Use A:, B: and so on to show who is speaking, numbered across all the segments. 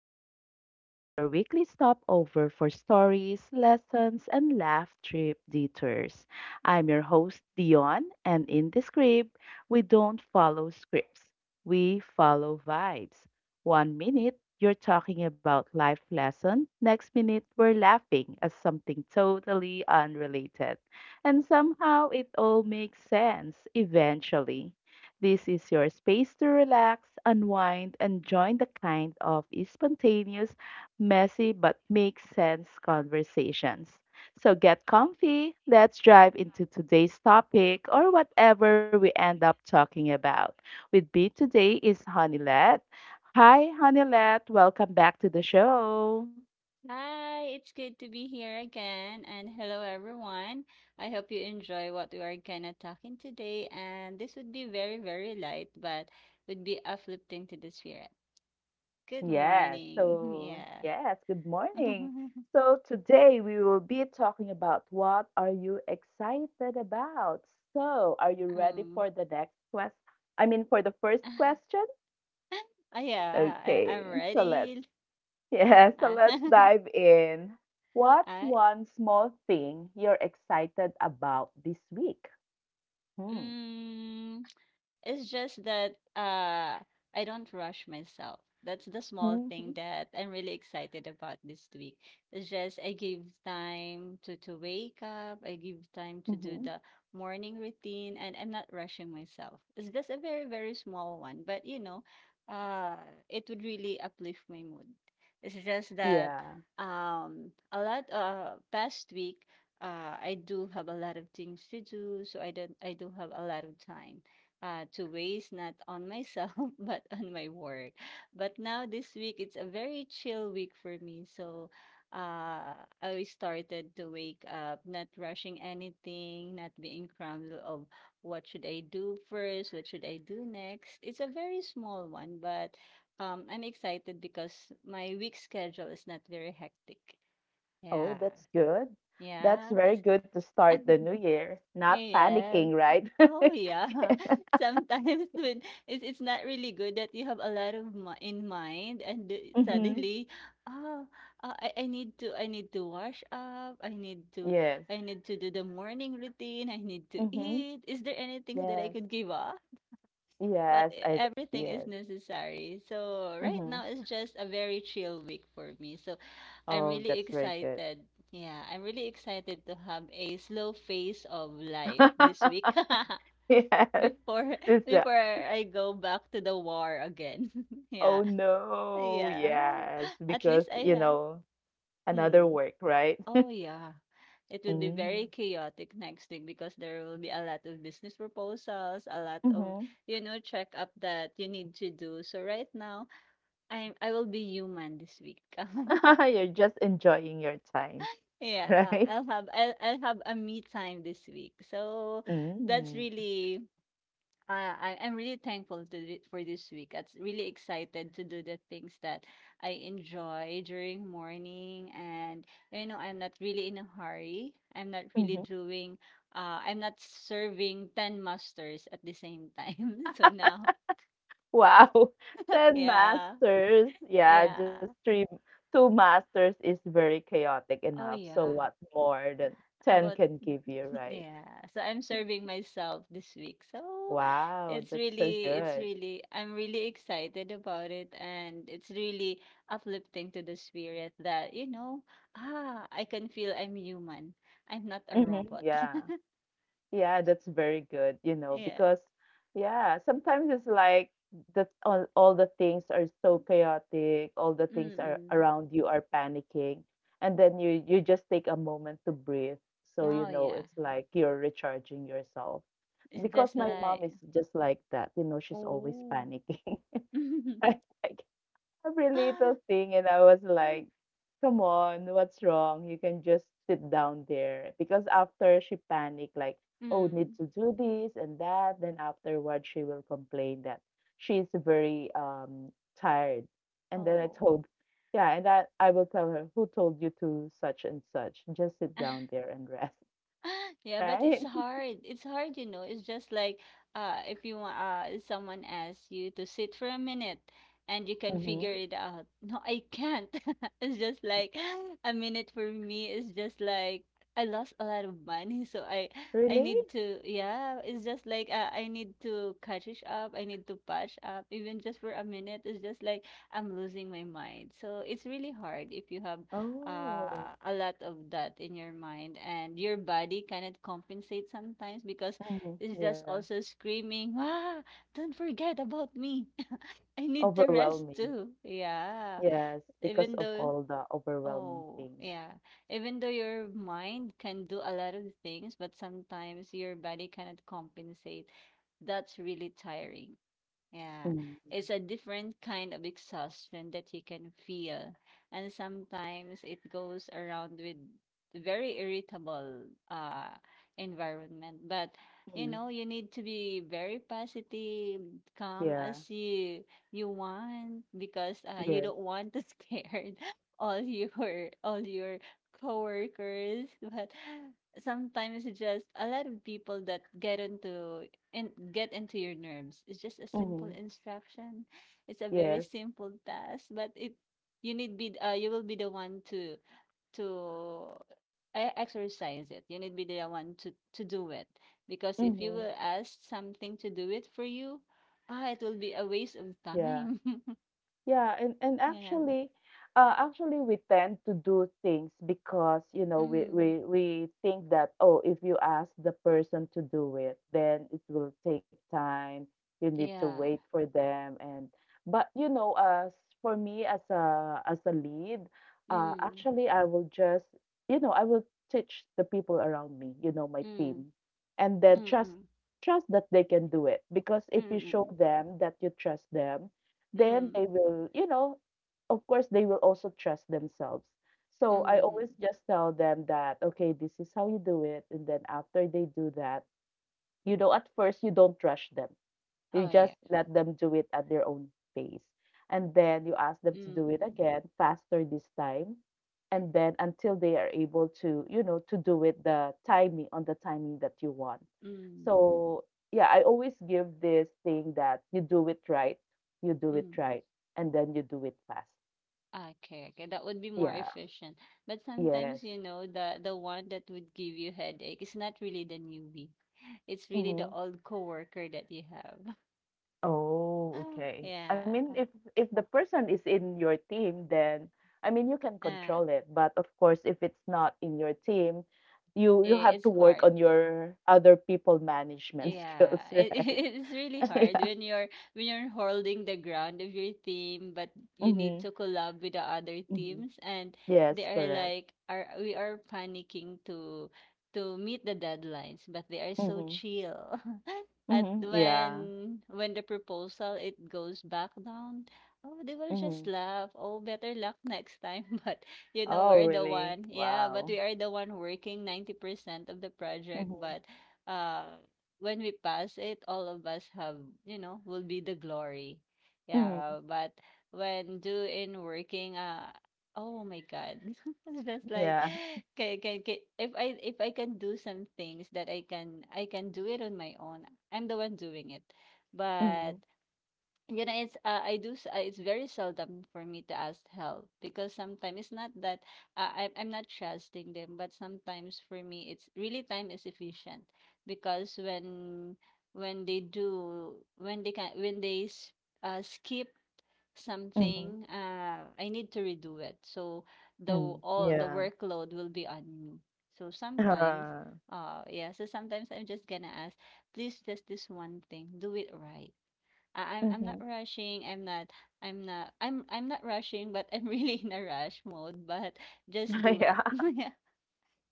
A: On Script, your weekly stopover for stories, lessons, and laugh trip detours. I'm your host, Dion, and in the script, we don't follow scripts, we follow vibes. One minute, you're talking about life lesson, next minute, we're laughing at something totally unrelated. And somehow, it all makes sense eventually. This is your space to relax, unwind, and join the kind of spontaneous, messy, but makes sense conversations. So get comfy, let's dive into today's topic or whatever we end up talking about. With me today is Honeylette. Hi, Honeylette, welcome back to the show.
B: Hi, it's good to be here again, and hello everyone. I hope you enjoy what we are gonna talking today, and this would be very, very light, but would be uplifting to the spirit. Good
A: Yes.
B: morning.
A: So,
B: Yeah.
A: yes, good morning. So, today we will be talking about, what are you excited about? So, are you ready
B: Mm.
A: for the next quest? I mean, for the first question?
B: Yeah, I'm
A: Okay. So, let's
B: ready.
A: Yeah, so let's dive in. What's
B: I,
A: one small thing you're excited about this week? Hmm.
B: mm, It's just that I don't rush myself. That's the small thing
A: Hmm.
B: that I'm really excited about this week. It's just I give time to wake up, I give time to do
A: Hmm.
B: the morning routine, and I'm not rushing myself. It's just a very, very small one, but you know, uh it would really uplift my mood. It's just
A: Yeah.
B: that a lot past week, I do have a lot of things to do, so I don't I do have a lot of time, to waste not on myself but on my work. But now this week it's a very chill week for me. So uh, I started to wake up, not rushing anything, not being crammed of what should I do first, what should I do next. It's a very small one, but I'm excited because my week schedule is not very hectic. Yeah.
A: Oh, that's good. That's
B: Yeah. It's,
A: very good to start the new year. Not
B: yes.
A: panicking, right?
B: Oh yeah. Sometimes when it's not really good that you have a lot of mi in mind and
A: Mm-hmm.
B: suddenly, oh, I need to wash up.
A: Yes.
B: I need to do the morning routine. I need to
A: Mm-hmm.
B: eat. Is there anything that I
A: Yes.
B: could give up? But
A: Yes.
B: everything is
A: Yes.
B: necessary. So right
A: Mm-hmm.
B: now it's just a very chill week for me. So I'm
A: Oh,
B: really
A: that's very good.
B: excited. Yeah, I'm really excited to have a slow phase of life this week.
A: Yes.
B: Before
A: It's the
B: before I go back to the war again. Yeah.
A: Oh no,
B: Yeah.
A: yes.
B: At
A: Because,
B: least I have
A: another
B: mm.
A: work, right?
B: Oh yeah. It will be
A: Mm-hmm.
B: very chaotic next week because there will be a lot of business proposals, a lot of,
A: Mm-hmm.
B: you know, check up that you need to do. So right now, I will be human this week.
A: You're just enjoying your time,
B: Yeah,
A: right?
B: I'll have a me time this week. So that's
A: Mm-hmm.
B: really I'm really thankful for this week. I'm really excited to do the things that I enjoy during morning, and you know I'm not really in a hurry. I'm not really doing. I'm not serving ten masters at the same time. So now,
A: Wow, 10
B: yeah,
A: masters. Yeah, just
B: yeah.
A: three, two masters is very chaotic
B: Oh
A: enough. So
B: yeah.
A: what more than 10
B: About
A: can give you, right?
B: yeah. So I'm serving myself this week. So
A: Wow, that's so
B: it's
A: good.
B: really I'm really excited about it, and it's really uplifting to the spirit that, you know, ah, I can feel I'm human. I'm not a
A: Hmm.
B: robot.
A: Yeah. Yeah, that's very good, you know,
B: Yeah.
A: because, yeah, sometimes it's like all the things are so chaotic, all the things are
B: Mm-mm.
A: around you are panicking, and then you just take a moment to breathe. So, you
B: Oh
A: know,
B: yeah.
A: it's like you're recharging yourself.
B: It's
A: Because
B: just
A: my mom
B: like
A: is just like that, you know, she's always
B: oh.
A: panicking. I like every little thing, and I was like, "Come on, what's wrong? You can just sit down there." Because after she panicked, like, "Oh, need
B: mm.
A: to do this and that," then afterward she will complain that she's very tired. And then
B: Oh.
A: yeah, and that I will tell her, "Who told you to such and such? Just sit down there and rest,
B: Yeah, but it's
A: right?"
B: hard. It's hard, you know. It's just like if you want, someone asks you to sit for a minute and you can
A: Mm-hmm.
B: figure it out. No, I can't. It's just like a minute for me is just like I lost a lot of money, so I
A: Really?
B: need to, yeah, it's just like, I need to catch it up. I need to patch up even just for a minute. It's just like I'm losing my mind. So it's really hard if you have,
A: Oh.
B: a lot of that in your mind, and your body cannot compensate sometimes because
A: Mhm.
B: it's just
A: Yeah.
B: also screaming, ah, don't forget about me. I need to rest
A: Overwhelming.
B: too. Yeah,
A: Yes, because
B: even
A: of
B: though,
A: all the overwhelming
B: oh
A: things.
B: yeah, even though your mind can do a lot of things, but sometimes your body cannot compensate. That's really tiring. Yeah,
A: Mm-hmm.
B: it's a different kind of exhaustion that you can feel. And sometimes it goes around with very irritable uh environment. But you
A: Mm-hmm.
B: know, you need to be very positive, calm
A: Yeah.
B: as you want, because you
A: Yes.
B: don't want to scare all your coworkers. But sometimes it's just a lot of people that get into and get into your nerves. It's just a simple
A: Mm-hmm.
B: instruction. It's a very
A: Yes.
B: simple task, but it you need be you will be the one to to exercise it. You need be the one to do it because if you
A: Mm-hmm.
B: will ask something to do it for you, ah, it will be a waste of
A: Yeah.
B: time.
A: Yeah, and
B: Yeah.
A: actually, we tend to do things because, you know, we
B: Mm.
A: we we think that, oh, if you ask the person to do it, then it will take time. You need to
B: Yeah.
A: wait for them, and but, you know, as for me, as a lead,
B: Mm.
A: actually, I will just, you know I will teach the people around me, you know, my
B: Mm.
A: team, and then trust
B: Mm.
A: trust that they can do it, because if you
B: Mm.
A: show
B: Mm.
A: them that you trust them,
B: Mm.
A: then
B: Mm.
A: they will, you know, of course, they will also trust themselves. So I always
B: Mm.
A: just tell them that, okay, this is how you do it. And then after they do that, you know, at first you don't rush them. You
B: Oh yeah.
A: just let them do it at their own pace. And then you ask them to do it
B: Mm.
A: again, faster this time. And then until they are able to, to do it the timing on the timing that you want.
B: Mm.
A: So, yeah, I always give this thing that you do it right, you do it
B: Mm.
A: right, and then you do it fast.
B: Okay, okay, that would be more
A: Yeah,
B: efficient. But
A: yes.
B: sometimes, you know, the one that would give you headache is not really the newbie. It's really the
A: Mhm.
B: old coworker that you have.
A: Oh, okay. I
B: Yeah.
A: mean, if the person is in your team, then I mean you can
B: Uh,
A: control it. But of course, if it's not in your team, you
B: I-
A: have
B: it's
A: to work
B: hard.
A: on your other people management
B: Yeah,
A: skills,
B: it,
A: right?
B: it's really hard
A: Yeah.
B: when you're holding the ground of your team, but you need
A: Mm-hmm.
B: to collab with the other
A: Mm-hmm.
B: teams, and they
A: Yes,
B: are
A: correct.
B: like, are panicking to meet the deadlines, but they are so
A: Mm-hmm.
B: chill. At
A: Mm-hmm. Yeah.
B: when the proposal it goes back down, oh, they will just
A: Mm-hmm.
B: laugh. Oh, better luck next time. But you know,
A: Oh, really?
B: yeah, but
A: Wow.
B: we are the one working 90% of the project,
A: Mm-hmm.
B: but. uh when we pass it, all of us have, you know, will be the glory.
A: Mm-hmm.
B: Yeah, but when doing working, oh my God, it's just like,
A: Yeah.
B: can, if I can do some things that I can do it on my own, I'm the one doing it. But
A: Mm-hmm.
B: you know, it's I do. It's very seldom for me to ask help because sometimes it's not that, I'm not trusting them, but sometimes for me it's really time is efficient, because when they do, when they skip
A: Mm-hmm.
B: something, I need to redo it. So
A: Mm.
B: all the
A: Yeah.
B: workload will be on me. So sometimes,
A: Uh,
B: yeah. So sometimes I'm just gonna ask, please just this one thing, do it right. I'm not
A: mm-hmm.
B: rushing. I'm not rushing, but I'm really in a rush mode. But just do
A: Yeah.
B: it. Yeah.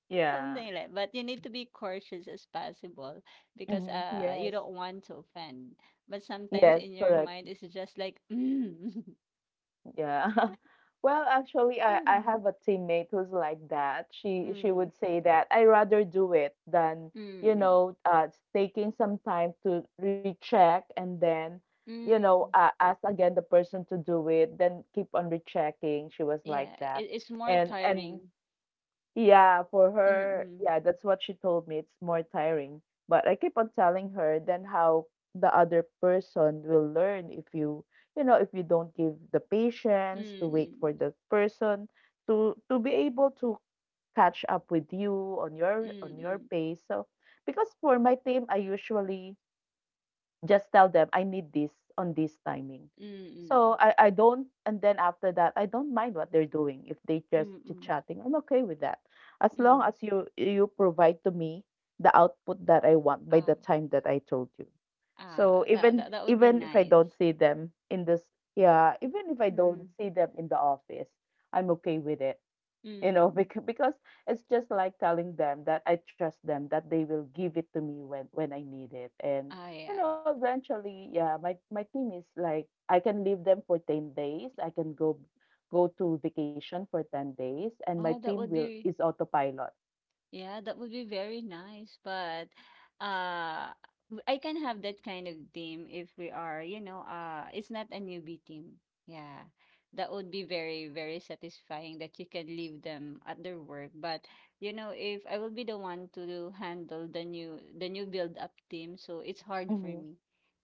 A: Yeah.
B: Something like, but you need to be cautious as possible, because
A: Mhm. Yes.
B: you don't want to offend. But sometimes
A: Yes,
B: in your
A: correct.
B: mind it's just like mm,
A: Yeah. Well, actually, I
B: mm,
A: have a teammate who's like that. She
B: mm,
A: would say that I rather do it than, you
B: mm,
A: know, uh taking some time to recheck and then, you know,
B: mm.
A: uh, ask again the person to do it, then keep on rechecking. She was like
B: Yeah,
A: that.
B: it, it's more
A: And
B: tiring.
A: Yeah, for her,
B: Mm-mm,
A: yeah, that's what she told me. It's more tiring. But I keep on telling her then how the other person will learn if you, you know, if you don't give the patience to wait
B: mm-mm,
A: for the person to be able to catch up with you on your
B: mm-mm,
A: pace. So because for my team, I usually just tell them I need this on this timing. So,
B: mm-mm,
A: I don't and then after that I don't mind what they're doing. If they just chit
B: mm-mm,
A: chatting, I'm okay with that. As long
B: mm-mm.
A: as you provide to me the output that I want by the
B: Ah.
A: time that I told you.
B: Ah,
A: So
B: that
A: even
B: that that would be
A: even if I don't
B: nice.
A: see them in this yeah, even if I don't
B: Mm.
A: see them in the office, I'm okay with it, you know,
B: Mm.
A: because it's just like telling them that I trust them, that they will give it to me when I need it, and,
B: Ah,
A: you
B: yeah.
A: know, eventually, yeah, my team is like I can leave them for 10 days, I can go to vacation for 10 days, and my
B: Oh,
A: team
B: that would
A: will is
B: be,
A: autopilot.
B: yeah, that would be very nice. But, uh I can have that kind of team if we are, you know, it's not a newbie team. Yeah. That would be very, very satisfying that you can leave them at their work. But you know, if I will be the one to handle the new build up team, so it's hard for
A: Mm-hmm.
B: me.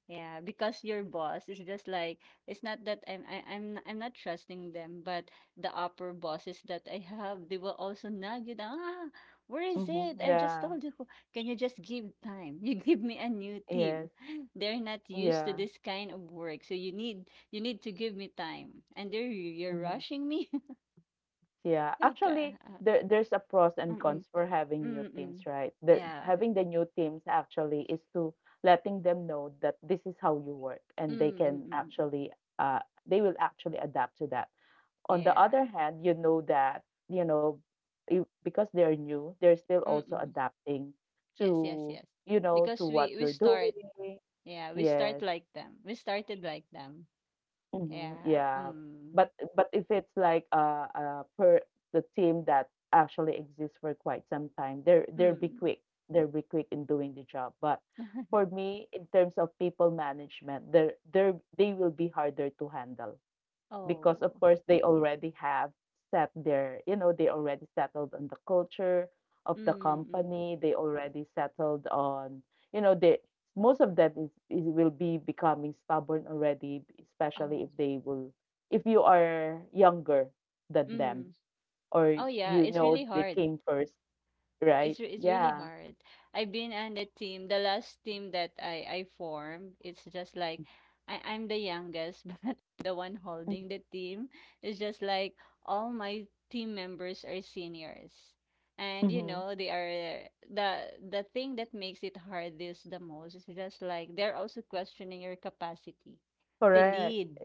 B: Yeah, because your boss is just like, it's not that I'm not trusting them, but the upper bosses that I have, they will also nag you down. Ah, where is
A: Mm-hmm.
B: it? I just
A: Yeah.
B: told you. Can you just give time? You give me a new team.
A: Yes.
B: They're not used to
A: Yeah.
B: this kind of work, so you need to give me time. And there you you're
A: Mhm.
B: rushing me.
A: Yeah,
B: Ay,
A: actually,
B: ka- ah,
A: there's a pros and cons
B: Mm-mm.
A: for having new teams,
B: Mm-mm.
A: right? The
B: Yeah.
A: having the new teams actually is to letting them know that this is how you work, and
B: Mm-mm.
A: uh they will actually adapt to that. On the
B: Yeah.
A: other hand, you know that, you know because they're new, they're still also
B: Mm-mm.
A: adapting
B: Yes, yes,
A: to
B: yes,
A: to
B: because
A: what you're
B: we start.
A: doing.
B: Yeah, we
A: Yes.
B: start like them. We started like them.
A: Mhm,
B: Yeah.
A: yeah. But
B: Mm.
A: but if it's like per the team that actually exists for quite some time, they'll be quick.
B: Mm.
A: They'll be quick in doing the job. But for me, in terms of people management, they will be harder to handle, because of
B: Oh.
A: course they already have set their you know they already settled on the culture of the
B: Mm. Mm.
A: company, they already settled on you know they most of them is will be becoming stubborn already, especially if
B: Oh.
A: they will if you are younger than them,
B: Mm.
A: or,
B: Oh yeah,
A: you
B: it's
A: know,
B: really
A: they
B: hard.
A: came first, right?
B: It's really
A: Yeah.
B: hard. I've been on the team, the last team that I formed. It's just like I I'm the youngest, but the one holding the team. It's just like all my team members are seniors. And you
A: Mm-hmm.
B: know, they are the thing that makes it hard this the most is just like they're also questioning your capacity to
A: Correct.
B: lead.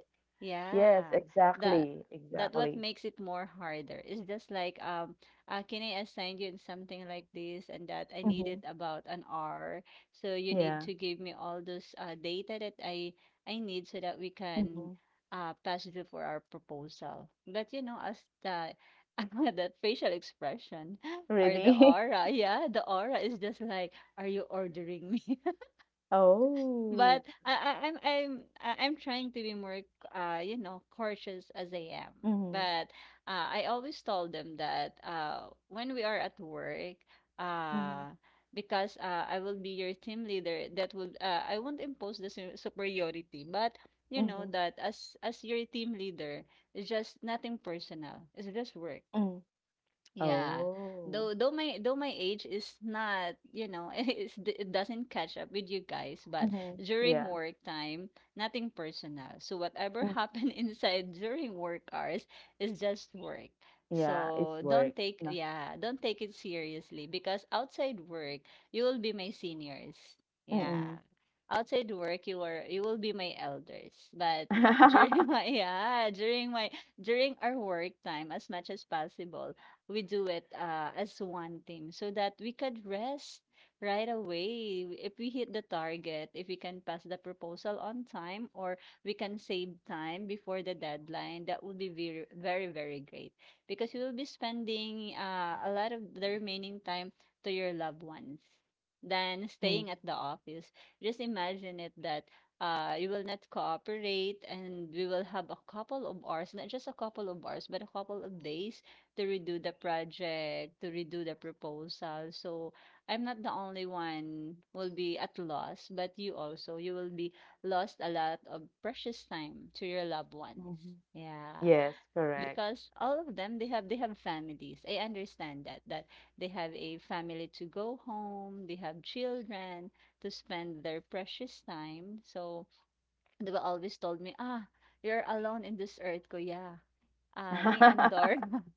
A: Yes,
B: Yeah. That
A: exactly,
B: that what
A: exactly.
B: makes it more harder. Is just like can I assign you in something like this and that? I need
A: Mm-hmm.
B: it about an hour. So you need
A: Yeah.
B: to give me all those, data that I need so that we can,
A: Mm-hmm.
B: pass it for our proposal. But you know, as the the facial expression or the
A: Really?
B: aura, yeah, the aura is just like, are you ordering me?
A: Oh.
B: But I'm trying to be more, you know, cautious as I am.
A: Mhm,
B: But, I always told them that, when we are at work,
A: mhm,
B: uh because, I will be your team leader that will, I won't impose the superiority, but you
A: mhm,
B: know that as your team leader, it's just nothing personal, it's just work.
A: mhm.
B: Yeah.
A: Oh.
B: Though my age is not, you know, it doesn't catch up with you guys, but
A: Mhm.
B: during
A: Yeah.
B: work time, nothing personal. So whatever
A: Mm.
B: happened inside during work hours is just work.
A: Yeah, it's
B: So
A: work. No.
B: don't take it seriously because outside work, you will be my seniors. Yeah.
A: Mm.
B: Outside work, you will be my elders. But during my yeah, during my during our work time, as much as possible we do it as one team, so that we could rest right away if we hit the target, if we can pass the proposal on time, or we can save time before the deadline. That would be very great because you will be spending a lot of the remaining time to your loved ones than
A: Mm.
B: staying at the office. Just imagine it that you will not cooperate and we will have a couple of hours, not just a couple of hours but a couple of days, to redo the project, to redo the proposal. So I'm not the only one will be at loss, but you also, you will be lost a lot of precious time to your loved ones.
A: Mhm.
B: Yeah,
A: Yes, correct.
B: because all of them they have families. I understand that they have a family to go home, they have children to spend their precious time. So they were always told me, "Ah, you're alone in this earth, Kuya. Ah, me and Dor.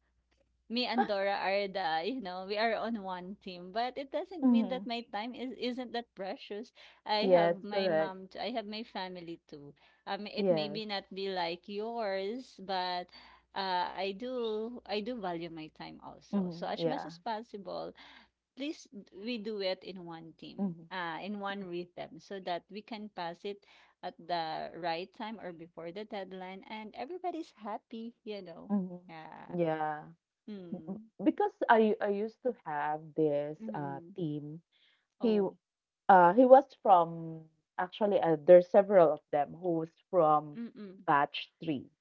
B: Me and Dora are the, you know, we are on one team, but it doesn't mean that
A: Mhm.
B: my time is isn't that precious. I have
A: Yes,
B: my
A: correct.
B: mom, I have my family too. It may be
A: Yes.
B: not be like yours, but I do value my time also. So
A: Mhm.
B: as much as
A: Yeah.
B: possible, we do it in one team,
A: Mhm.
B: in one rhythm, so that we can pass it at the right time or before the deadline, and everybody's happy, you know.
A: Mhm.
B: Yeah.
A: Yeah.
B: Hmm.
A: Because I used to have this
B: Mm.
A: team. He
B: Oh.
A: He was from actually There's several of them who's from
B: Mm.
A: batch three.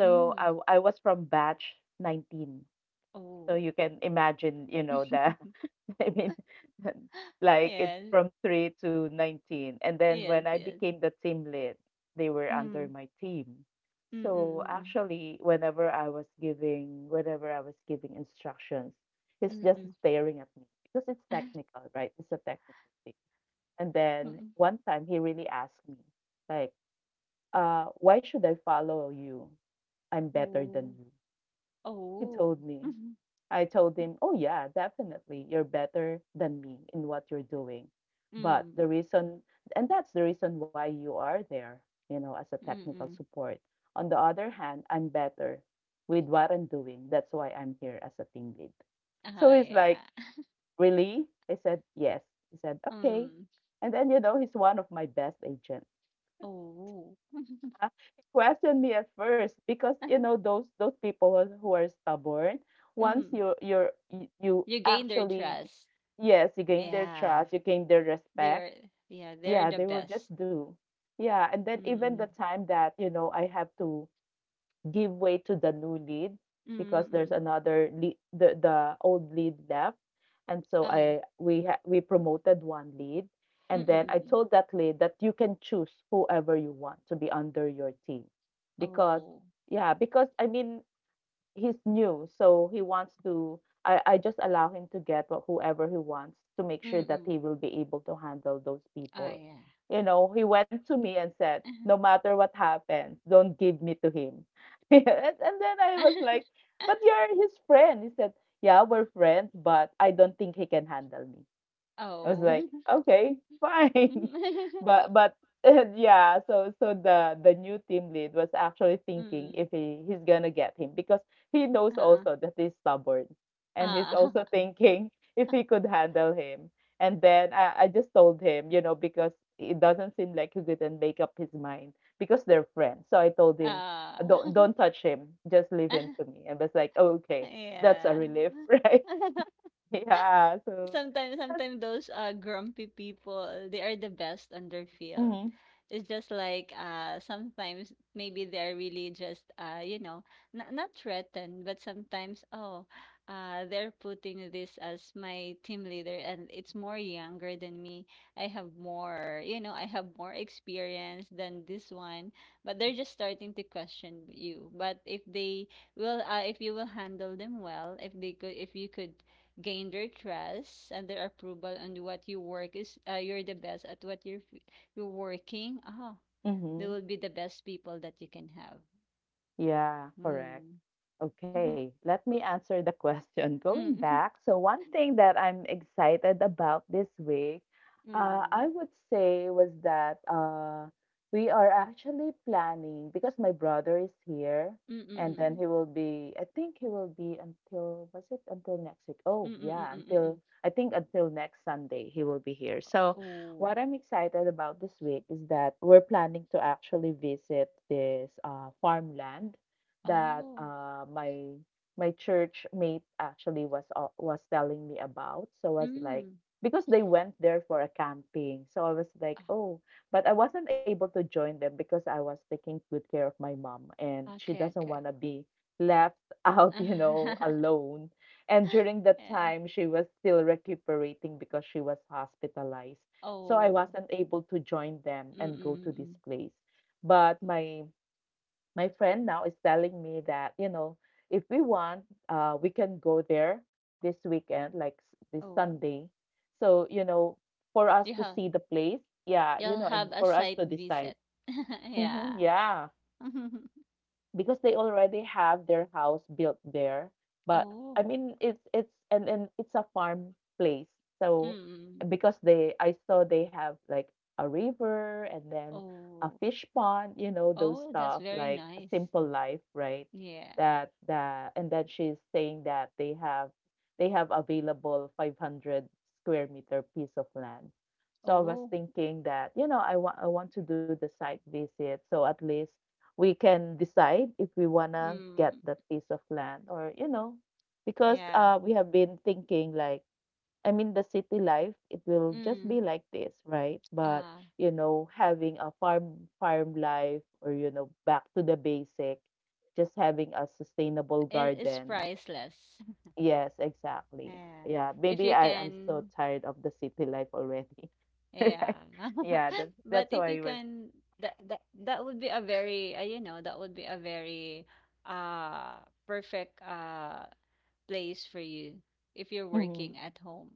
A: So I
B: Mm.
A: w- I was from batch 19.
B: Oh.
A: So you can imagine, you know, the I mean, like it's
B: Yes.
A: from 3 to 19. And then
B: Yes,
A: when I
B: yes.
A: became the team lead, they were
B: Mm.
A: under my team.
B: Mm, mm,
A: So
B: mm,
A: actually, whenever I was giving instructions, he's just
B: mm.
A: staring at me because it's technical, right? It's a technical thing. And then
B: Mm.
A: one time he really asked me, like, "Why should I follow you? I'm better
B: Oh.
A: than you." He
B: Oh.
A: told me. I told him, oh, yeah, definitely, you're better than me in what you're doing. But
B: Mm.
A: the reason, and that's the reason why you are there, you know, as a technical
B: Mm.
A: support. On the other hand, I'm better with what I'm doing. That's why I'm here as a team lead.
B: Oh,
A: So he's like,
B: yeah.
A: really? I said, yes. He said, okay.
B: Mm.
A: And then, you know, he's one of my best agents.
B: Oh.
A: He questioned me at first because, you know, those people who are stubborn. Once
B: Mm.
A: you you're you you
B: You gain their
A: actually
B: trust.
A: Yes, you gain their
B: Yeah.
A: trust, you gain their
B: They were,
A: respect.
B: yeah, they're
A: Yeah,
B: the
A: they will
B: best.
A: just do. Yeah, and then even the
B: Mm.
A: time that, you know, I have to give way to the new lead,
B: Mm.
A: because there's
B: Mm.
A: another lead, the old lead left, and so
B: Oh, yeah.
A: we promoted one lead,
B: Mm.
A: and
B: Mm.
A: then I
B: Mm.
A: told that lead that you can choose whoever you want to be under your team, because
B: Oh.
A: yeah, because I mean he's new, so he wants to. I just allow him to get what whoever he wants, to make sure
B: Mm.
A: that
B: Mm.
A: he will be able to handle those
B: Oh,
A: people.
B: yeah.
A: You know, he went to me and said, "No matter what happens, don't give me to him." And then I was like, "But you're his friend." He said, "Yeah, we're friends, but I don't think he can handle me." I was like,
B: Oh.
A: okay, fine. But but yeah, so the new team lead was actually thinking
B: Mm,
A: if he's gonna get him, because he knows
B: oo.
A: also that he's stubborn, and he's
B: Oo.
A: also thinking if he could handle him. And then I just told him, you know, because it doesn't seem like he couldn't make up his mind because they're friends. So I told him, don't
B: Oo.
A: don't touch him, just leave him to me. And was like, okay, that's a
B: Yeah.
A: relief, right? Yeah. So
B: sometimes
A: that's
B: sometimes those grumpy people, they are the best on their field. It's just like sometimes maybe they're really just you know, not threatened, but sometimes, oh, they're putting this as my team leader and it's more younger than me. I have more, you know, I have more experience than this one, but they're just starting to question you. But if they will if you will handle them well, if they could, if you could gain their trust and their approval on what you work is, you're the best at what you're working, ah, they
A: mm-hmm,
B: will be the best people that you can have.
A: yeah, correct.
B: Mm.
A: Okay,
B: Mm.
A: let me answer the question. Going back, so one thing that I'm excited about this week,
B: Mm. Mm.
A: I would say was that we are actually planning because my brother is here,
B: Mm. Mm.
A: and then
B: Mm.
A: he will be, I think he will be until, was it until next week? Oh,
B: Mm. Mm.
A: yeah,
B: Mm.
A: until,
B: Mm.
A: I think until next Sunday he will be here. So
B: Oh.
A: what I'm excited about this week is that we're planning to actually visit this farmland that
B: Oh.
A: my church mate actually was telling me about. So I was like,
B: Mm.
A: because they went there for a camping, so I was like,
B: Ah,
A: oh, but I wasn't able to join them because I was taking good care of my mom, and she
B: okay,
A: doesn't
B: okay.
A: want to be left out, alone. And during that
B: Yeah.
A: time, she was still recuperating because she was hospitalized. So I
B: Oh.
A: wasn't able to join them
B: Mm.
A: and go
B: Mm.
A: to this
B: Mm.
A: place. But my friend now is telling me that, you know, if we want, we can go there this weekend, like this
B: Oh
A: Sunday. So, you know, for us to
B: yeah.
A: see the place, yeah, you
B: You'll
A: know,
B: have
A: and
B: a
A: for us
B: site
A: to decide.
B: visit. Yeah.
A: Hmm, yeah, because they already have their house built there, but I
B: Oh.
A: mean it's and it's a farm place. So
B: Mm.
A: because they, I saw they have like a river and then a
B: Oh.
A: fish pond, you know, those
B: Oh, that's
A: stuff,
B: very
A: like a
B: nice.
A: simple life, right?
B: Yeah.
A: That, that. And then she's saying that they have available 500 square meter piece of land. So I was
B: Oh.
A: thinking that, you know, I want to do the site visit, so at least we can decide if we want to get
B: Mm.
A: that piece of land or, you know, because
B: Yeah.
A: we have been thinking like, I mean, the city life it will just be
B: Mm.
A: like this, right? But,
B: Ah,
A: you know, having a farm life, or, you know, back to the basic, just having a sustainable
B: it's
A: garden.
B: priceless.
A: Yes, exactly.
B: Yeah.
A: Yeah,
B: If you
A: maybe I am so
B: can,
A: tired of the city life already.
B: yeah.
A: Yeah, that's
B: But
A: that's
B: if you
A: why we're
B: can, that would be a very, you know, that would be a very uh perfect place for you if you're
A: mhm.
B: working at home.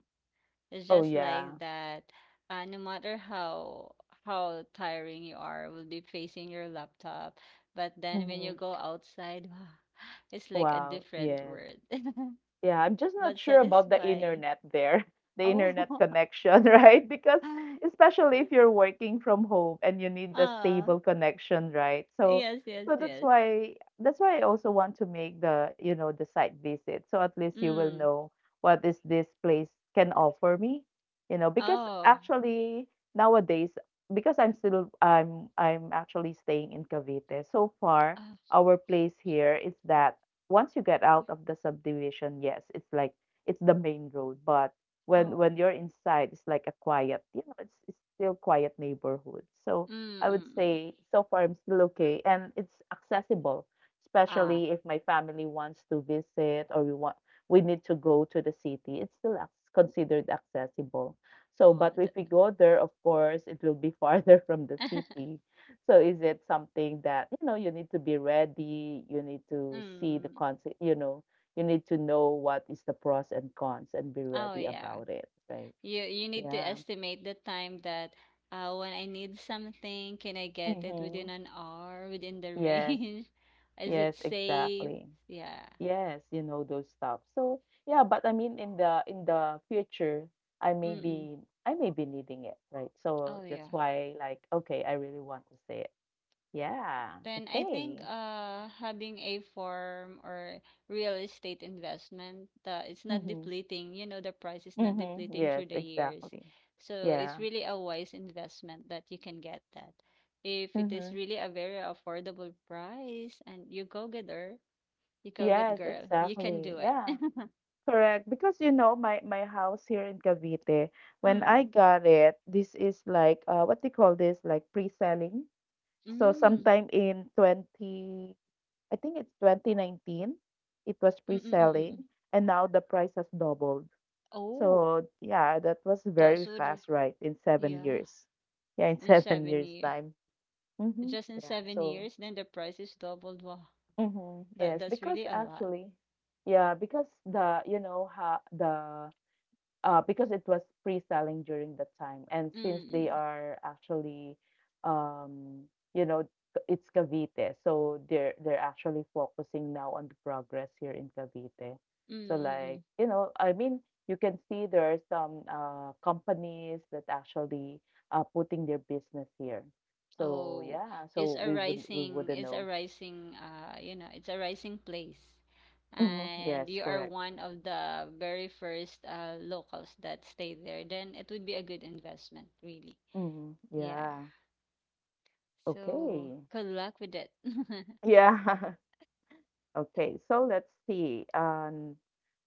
B: It's
A: Oh
B: just
A: yeah.
B: like that. No matter how tiring you are, will be facing your laptop. But then when you
A: Mm-hmm.
B: go outside, wow, it's like a
A: Wow,
B: different
A: yes.
B: world,
A: Yeah, I'm just not
B: but
A: sure about the
B: satisfying.
A: internet there, the internet
B: Oh,
A: connection, right? Because especially if you're working from home and you need a
B: ah,
A: stable connection, right? So
B: yes, yes,
A: so that's
B: yes.
A: why that's why I also want to make the, you know, the site visit. So at least you will
B: Mm.
A: know what is this place can offer me, you know, because
B: Oh,
A: actually nowadays, because I'm still I'm actually staying in Cavite. So far,
B: uh,
A: our place here is that once you get out of the subdivision, yes, it's like it's the main road. But when
B: oh.
A: when you're inside, it's like a quiet, you know, it's still quiet neighborhood. So
B: Mm,
A: I would
B: mm, mm.
A: say so far I'm still okay, and it's accessible,
B: Ah,
A: especially if my family wants to visit or we want we need to go to the city. It's still considered accessible. So, but
B: oh. The,
A: if we go there, of course, it will be farther from the city. So is it something that, you know, you need to be ready, you need to see the
B: mm.
A: concept, you know, you need to know what is the pros and cons and be
B: Oh
A: ready
B: yeah.
A: about it, right?
B: You need to
A: Yeah.
B: estimate the time that, when I need something, can I get it
A: Mm-hmm.
B: within an hour, within the
A: Yes,
B: range? Is
A: yes,
B: it safe?
A: exactly.
B: Yeah.
A: Yes, you know those stuff. So yeah, but I mean in the future, I may
B: Mm-mm.
A: be I may be needing it, right? So
B: Oh yeah.
A: that's why, like, okay, I really want to say it. Yeah,
B: Then I think
A: okay.
B: having a farm or real estate investment, the it's not
A: Mm-hmm.
B: depleting, you know, the price is not
A: Mm-hmm.
B: depleting
A: Yes,
B: through the years.
A: exactly.
B: So it's
A: Yeah.
B: really a wise investment that you can get that. If it is
A: Mhm.
B: really a very affordable price and you go getter, you go good
A: Yes,
B: girl. You can
A: exactly.
B: do it.
A: Yeah. Correct. Because you know, my house here in Cavite, when I
B: Mm.
A: got it, this is like what they call this, like pre-selling. So
B: Mm.
A: sometime in 20, I think it's 2019, it was
B: Mm-mm-mm.
A: pre-selling, and now the price has doubled.
B: Oh,
A: So yeah, that was
B: that's
A: very
B: would r-
A: fast, right? In seven
B: yeah.
A: years. Yeah, in
B: In
A: seven
B: seven
A: years
B: years.
A: time. Mm-hmm.
B: Just in
A: Yeah.
B: seven
A: So
B: years, then the price is doubled. Wow.
A: mhm.
B: That
A: Yes,
B: that's
A: because
B: really a lot.
A: actually, yeah, because the, you know, how the, because it was pre-selling during that time, and since they
B: Mm.
A: are actually, um, you know, it's Cavite, so they're actually focusing now on the progress here in Cavite. So like,
B: Mm-mm.
A: you know, I mean, you can see there are some companies that actually are putting their business here. So
B: Oh,
A: yeah,
B: it's
A: so
B: a
A: we would we
B: rising,
A: wouldn't know.
B: you know, it's a rising place.
A: Hmm,
B: And
A: yes,
B: you are
A: correct.
B: one of the very first locals that stay there, then it would be a good investment, really.
A: Mhm.
B: Yeah.
A: Yeah.
B: So,
A: Okay.
B: good luck with it.
A: Yeah. Okay. So let's see.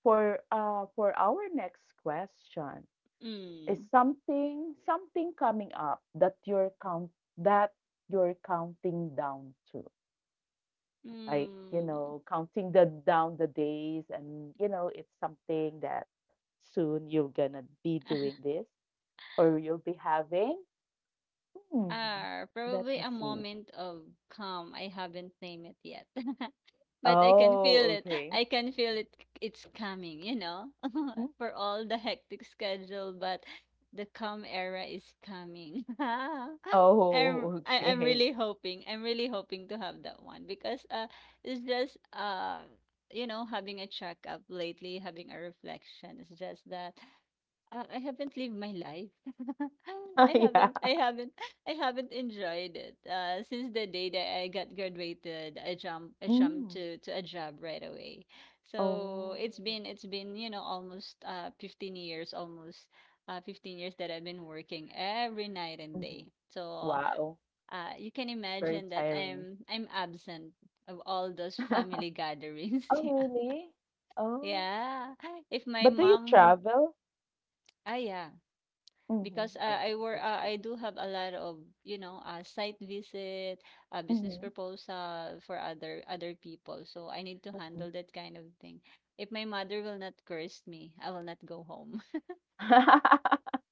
A: For our next question, is
B: Mm.
A: something coming up that that you're counting down to, like, you
B: Mm.
A: know, counting the down the days, and, you know, it's something that soon you're gonna be doing this or you'll be having. Hmm.
B: Ah,
A: Let
B: probably
A: me
B: a
A: see.
B: moment of calm. I haven't named it yet. But I can feel
A: Oh,
B: it.
A: okay.
B: I can feel it. It's coming, you know, for all the hectic schedule, but the calm era is coming.
A: Oh,
B: I'm
A: okay.
B: really hoping. I'm really hoping to have that one because it's just uh, you know, having a checkup lately, having a reflection. It's just that. I haven't lived my life.
A: Oh,
B: I
A: yeah.
B: haven't I haven't I haven't enjoyed it. Since the day that I got graduated, I jumped
A: Mm.
B: to a job right away. So
A: Oh.
B: it's been, you know, almost 15 years, almost 15 years that I've been working every night and day.
A: Mhm.
B: So
A: Wow.
B: you can
A: Very
B: imagine that
A: tiring.
B: I'm absent of all those family gatherings. Yeah.
A: Oh, really? Oh.
B: Yeah. If my
A: But do you
B: mom,
A: travel?
B: ah, yeah,
A: Mhm.
B: because
A: Okay, that's good.
B: I do have a lot of, you know, site visit, business
A: Mhm.
B: proposal for other people, so I need to handle
A: Mhm.
B: that kind of thing. If my mother will not curse me, I will not go home.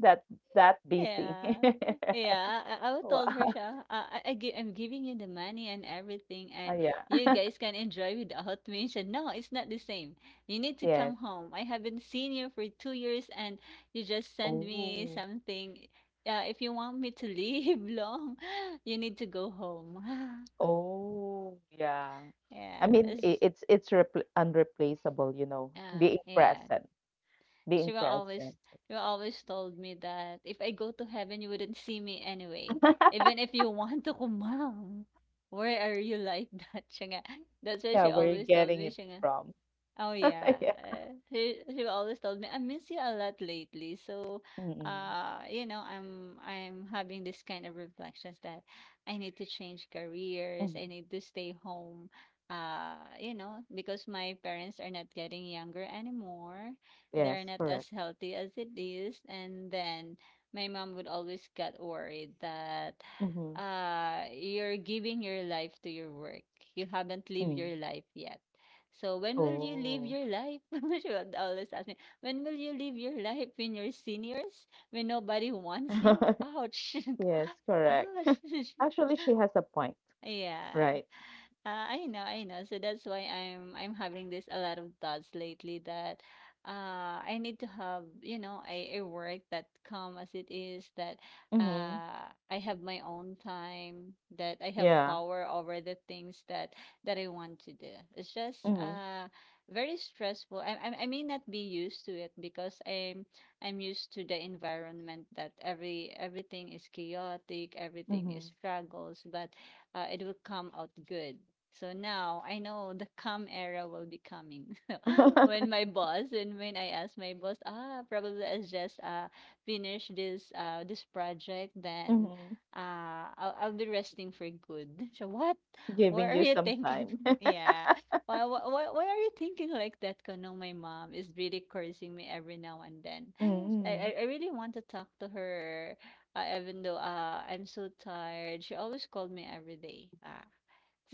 A: That that busy.
B: Yeah. Yeah. I would
A: Wow.
B: told her siya, I'm giving you the money and everything,
A: Ah,
B: and
A: yeah.
B: you guys can enjoy without me. She said, no, it's not the same. You need to come
A: Yes.
B: home. I haven't seen you for 2 years, and you just send me
A: Oh.
B: something. Yeah, if you want me to leave long, you need to go home.
A: Oh, yeah. I
B: Yeah.
A: mean,
B: It's,
A: it's repl unreplaceable, you know, being
B: yeah.
A: present,
B: she
A: being
B: will
A: present.
B: always she will always told me that if I go to heaven, you wouldn't see me anyway. Even if you want to ko, where are you like that? Siya nga. That's why
A: Yeah,
B: she
A: where you're
B: always told
A: getting
B: me
A: it
B: siya nga.
A: from.
B: Oh
A: Yeah.
B: yeah. She always told me, I miss you a lot lately. So,
A: Mm-mm.
B: you know, I'm having this kind of reflections that I need to change
A: Mm-hmm.
B: careers, I need to stay home. You know, because my parents are not getting younger anymore.
A: Yes,
B: They're not
A: correct.
B: as healthy as it is. And then my mom would always get worried that
A: Mm-hmm.
B: uh, you're giving your life to your work. You haven't lived
A: Mm.
B: your life yet, so when will you live
A: Oh.
B: your life? She would always ask me, when will you live your life when you're seniors? When nobody wants you? Ouch.
A: Yes, correct.
B: Ouch.
A: Actually, she has a point,
B: Yeah.
A: right?
B: I know, I know. So that's why I'm having this a lot of thoughts lately that uh, I need to have, you know, a work that calm as it is, that
A: Mm-hmm.
B: uh, I have my own time, that I have
A: Yeah.
B: power over the things that I want to do. It's just
A: Mm-hmm.
B: very stressful. I may not be used to it because I'm used to the environment that everything is chaotic, everything is
A: Mm-hmm.
B: struggles, but it will come out good. So now I know the calm era will be coming. So when my boss and when I ask my boss, ah, probably I just finish this project, then
A: Mm-hmm.
B: I'll be resting for good. So what?
A: Giving
B: What are
A: you
B: you
A: some
B: thinking?
A: time.
B: Yeah. Why are you thinking like that? Kano, my mom is really cursing me every now and then.
A: Mm-hmm.
B: I really want to talk to her, even though I'm so tired, she always called me every day. Ah,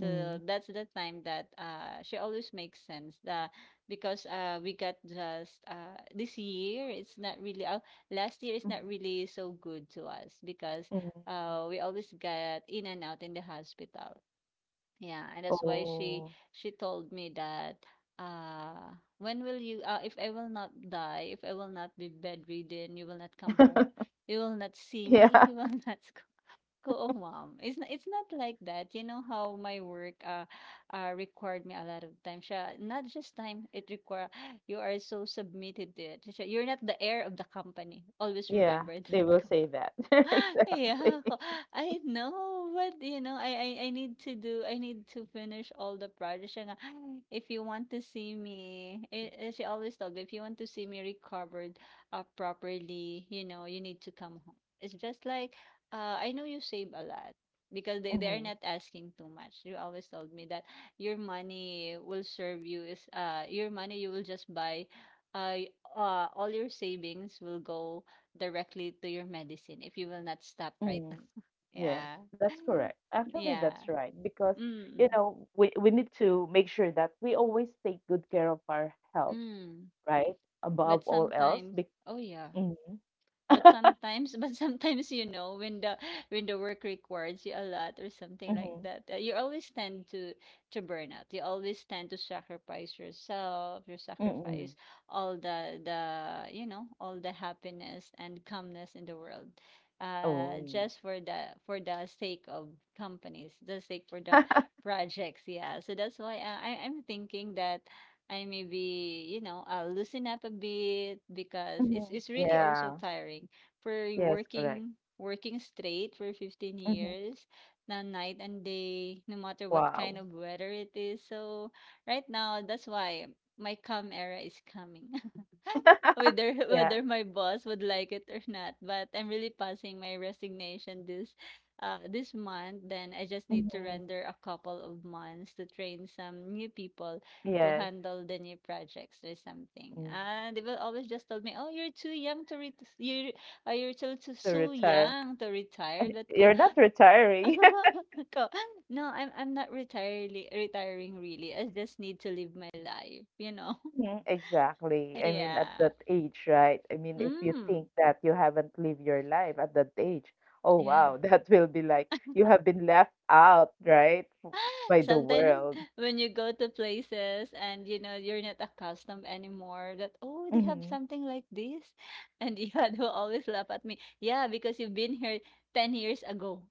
A: Mm-hmm.
B: that's the time that she always makes sense. The Because we got just this year, it's not really. Last year is not really so good to us because
A: Mm-hmm.
B: we always got in and out in the hospital. Yeah, and that's why
A: Oh.
B: she told me that uh, when will you uh, if I will not die, if I will not be bedridden, you will not come home. You will not see me.
A: Yeah.
B: You will not go, oh, mom. It's not like that. You know how my work required me a lot of time. Siya, not just time, it require you are so submitted to it. Siya, you're not the heir of the company. Always
A: Yeah.
B: remember
A: They
B: that.
A: will say that. Exactly.
B: Yeah, I know, but you know, I need to finish all the projects. Siya nga, if you want to see me, she always told me, if you want to see me recovered properly, you know, you need to come home. It's just like, I know you save a lot because they are
A: Mm-hmm.
B: not asking too much. You always told me that your money will serve you is your money you will just buy, all your savings will go directly to your medicine if you will not stop right now.
A: Mm-hmm. Yes,
B: Yeah.
A: that's correct. Actually, that's
B: Yeah.
A: right because
B: Mm.
A: we need to make sure that we always take good care of our health,
B: Mm.
A: right? Above
B: But
A: all else,
B: sometimes,
A: be
B: oh yeah.
A: hmm
B: But sometimes but sometimes, when the work requires you a lot or something like
A: hmm
B: that, you always tend to burn out. You always tend to sacrifice yourself, you sacrifice
A: mm.
B: all the happiness and calmness in the world. Uh
A: Oh,
B: just for the sake of companies, the sake for the projects, yeah. So that's why I'm thinking that I maybe, I'll loosen up a bit because it's
A: hmm,
B: it's really also
A: yeah,
B: tiring for
A: yes, correct.
B: working straight for 15
A: Hmm.
B: years, na night and day, no matter what kind
A: Wow,
B: of weather it is. So right now, that's why my calm era is coming whether
A: yeah,
B: whether my boss would like it or not. But I'm really passing my resignation this month. Then I just need to
A: hmm,
B: render a couple of months to train some new people to
A: yes,
B: handle the new projects or something.
A: mm.
B: And they will always just tell me, "Oh, you're too young to ret you're too too
A: To
B: so
A: retire,
B: young to retire." Let go.
A: you're not retiring.
B: Ko, no, I'm not retiring retiring really. I just need to live my life.
A: Mhm, exactly. I mean,
B: Yeah.
A: at that age, right? I mean, if you think
B: Mm.
A: that you haven't lived your life at that age, oh
B: Yeah.
A: wow, that will be like you have been left out, right? By the
B: Sometimes
A: world.
B: when you go to places and you know you're not accustomed anymore that oh they have
A: Hmm.
B: something like this and Ihad will always laugh at me. Yeah, because you've been here 10 years ago.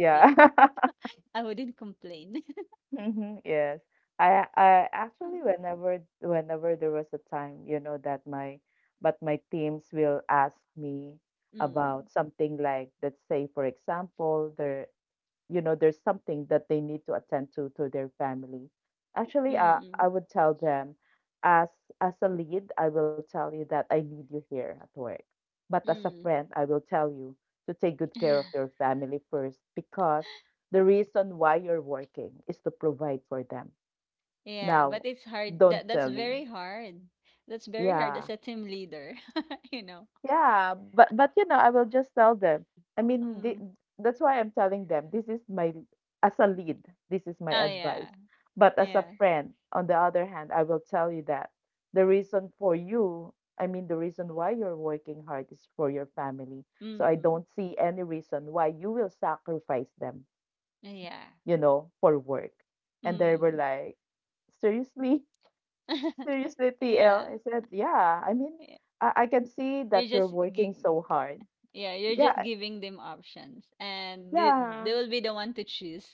B: Yeah. I wouldn't complain.
A: Mhm, yes. I actually whenever there was a time, you know, that my but my teams will ask me about
B: Mm.
A: something, like, let's say for example, there, you know, there's something that they need to attend to their family. Actually, I
B: Mm.
A: would tell them as as a lead, I will tell you that I need you here at work. But as a
B: Mm.
A: friend, I will tell you to take good care of your family first, because the reason why you're working is to provide for them.
B: Yeah, but
A: Now,
B: it's hard.
A: don't
B: That's
A: tell me.
B: very hard. That's very hard
A: Yeah.
B: as a team leader, you know.
A: Yeah, but you know, I will just tell them. I mean, the,
B: Mm.
A: that's why I'm telling them. This is my as a lead, this is my
B: Oh yeah.
A: advice. But as a
B: Yeah.
A: friend, on the other hand, I will tell you that the reason for you, I mean, the reason why you're working hard is for your family. So I
B: Mm.
A: don't see any reason why you will sacrifice them,
B: Yeah.
A: you know, for work. And they were
B: Mm.
A: like, seriously, seriously TL.
B: Yeah.
A: I said yeah I mean
B: Yeah.
A: I can see
B: You're
A: that you're
B: just gi-
A: working so hard.
B: yeah, you're just
A: Yeah.
B: giving them options and they,
A: Yeah,
B: they will be the one to choose.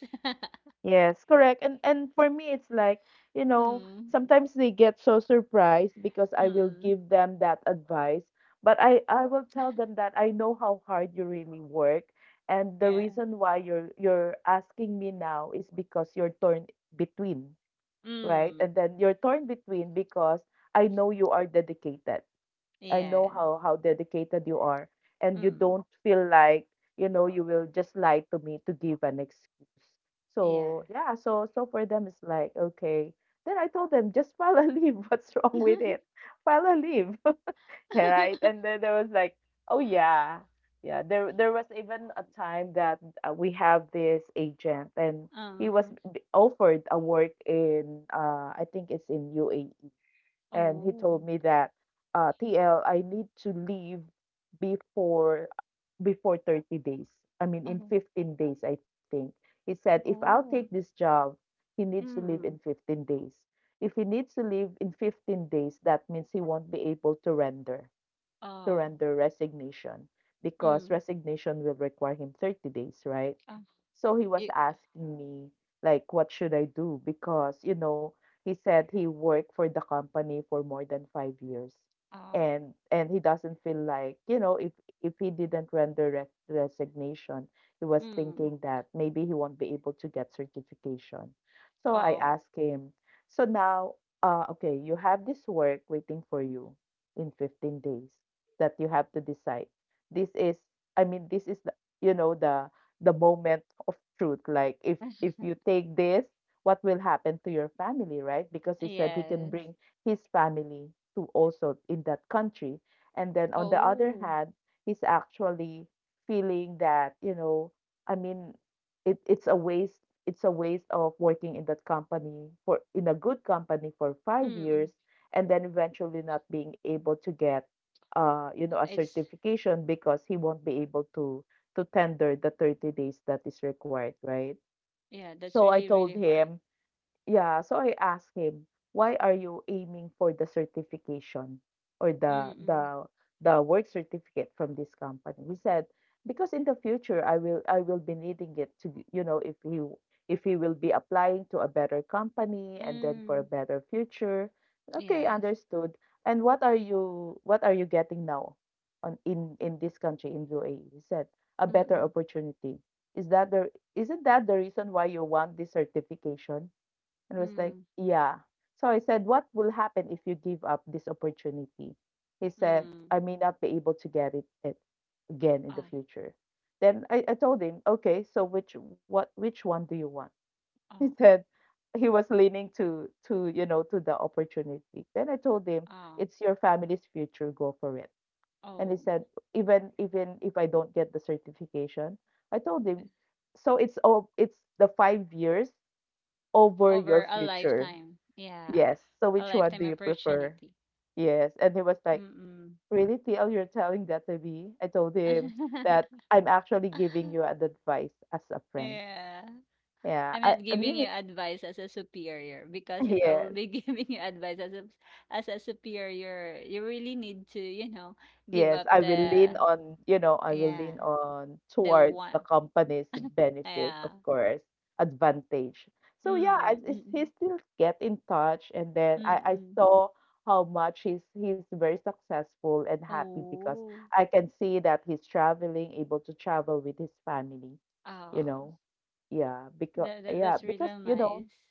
A: yes, correct. And for me it's like, you know,
B: Mm.
A: sometimes they get so surprised because I will
B: Mm.
A: give them that advice, but I will tell them that I know how hard you really work, and the
B: Yeah.
A: reason why you're asking me now is because you're torn between, right?
B: Mm.
A: And then you're torn between because I know you are dedicated, I know
B: Yeah.
A: how dedicated you are, and you
B: Mm.
A: don't feel like, you know, you will just lie to me to give an excuse.
B: Yeah.
A: So yeah, so so for them it's like okay. Then I told them, just file a leave. What's wrong with it? File a leave, right? And then there was like, oh yeah, yeah. There was even a time that we have this agent and he was
B: um.
A: offered a work in I think it's in UAE, and he
B: Oh.
A: told me that TL, I need to leave before before 30 days. I mean, in
B: Oh.
A: 15 days, I think. He said, if I'll take
B: Oh.
A: this job, he needs to leave in
B: Mm.
A: 15 days. If he needs to leave in 15 days, that means he won't be able to render
B: Oh.
A: resignation, because
B: Mm.
A: resignation will require him 30 days, right?
B: Ah.
A: So he was
B: It,
A: asking me, like, what should I do? Because, you know, he said he worked for the company for more than 5 years.
B: ah.
A: And he doesn't feel like, you know, if he didn't render resignation, he was
B: Mm.
A: thinking that maybe he won't be able to get certification. So I
B: Oh.
A: asked him, so now, okay, you have this work waiting for you in 15 days that you have to decide. This is, I mean, this is the, you know, the moment of truth. Like, if you take this, what will happen to your family, right? Because he said he can
B: Yes.
A: bring his family to also in that country. And then on the other
B: Oh.
A: hand, he's actually feeling that, I mean, it, it's a waste it's a waste of working in that company for in a good company for five
B: Mm.
A: years and then eventually not being able to get a
B: It's
A: certification because he won't be able to tender the 30 days that is required, right?
B: yeah, that's
A: So I
B: really really
A: told
B: hard.
A: him, yeah, so I asked him, "Why are you aiming for the certification or the
B: Mm.
A: the the work certificate from this company?" He said, "Because in the future I will be needing it to, if he will be applying to a better
B: Mm.
A: company and then for
B: Mm.
A: a better future." Okay,
B: Yes.
A: understood. And what are you getting now on in this country in UAE? He said, "A better
B: Mm,
A: opportunity." Is that the isn't that the reason why you want this certification? And was like,
B: mm,
A: yeah. So I said, what will happen if you give up this opportunity? He said,
B: mm.
A: I may not be able to get it again in the
B: Oh,
A: future. Then I told him, okay, so which one do you want? He
B: oh,
A: said he was leaning to you know to the opportunity. Then I told him,
B: oh,
A: it's your family's future, go for it. And he
B: oh.
A: said, even if I don't get the certification, I told him, so it's the 5 years over your
B: Over a
A: future.
B: lifetime. Yeah.
A: Yes. So
B: A
A: which one do
B: lifetime
A: you prefer?
B: opportunity.
A: Yes. And he was like,
B: Mm-mm.
A: really, TL, you're telling that to me? I told him that I'm actually giving you an advice as a friend.
B: Yeah.
A: Yeah.
B: I'm not
A: I
B: giving you
A: mean,
B: advice as a superior because if I will
A: yes.
B: be giving you advice as a superior, you really need to, give
A: Yes,
B: up
A: I will
B: the
A: lean on,
B: yeah, the
A: towards
B: one.
A: the company's benefit,
B: Yeah.
A: of course, advantage. So yeah,
B: Mm,
A: is he
B: mm,
A: still get in touch, and then
B: mm, mm.
A: I
B: Mm.
A: saw how much he's very successful and happy because
B: Oh.
A: I can see that he's traveling, able to travel with his family, you
B: Ah.
A: know. Yeah, because
B: That that
A: yeah,
B: that's
A: because
B: really
A: you know
B: nice.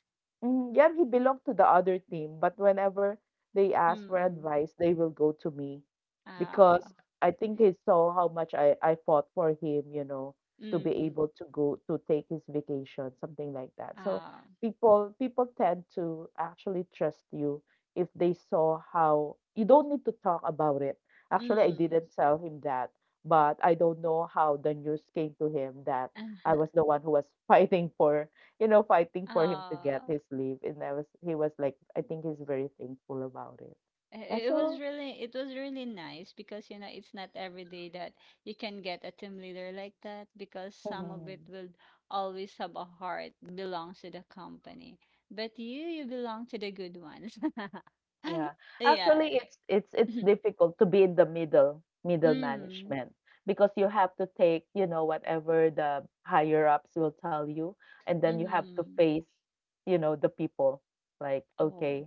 A: mhm, yeah, he belonged to the other team, but whenever they ask for
B: Mm.
A: advice, they will go to me because
B: Ah,
A: I think he saw how much I fought for him, to be
B: mm.
A: able to go to take his vacation, something like that. So
B: Ah,
A: people tend to actually trust you if they saw how you don't need to talk about it. Actually, I
B: mm.
A: didn't tell him that, but I don't know how the news came to him that I was
B: Uh-huh.
A: the one who was fighting for him to get
B: Ah.
A: his leave. And he was like, I think he's very thankful about it.
B: It
A: Yeah,
B: it was
A: so.
B: really it was really nice because you know it's not every day that you can get a team leader like that because some of it
A: Mhm.
B: will always have a heart belongs to the company. But you belong to the good ones.
A: Yeah.
B: Yeah.
A: Actually, it's
B: Yeah.
A: difficult to be in the middle
B: Mm.
A: management because you have to take, whatever the higher ups will tell you, and then you have to
B: Mm.
A: face, the people. Like,
B: Oh.
A: okay,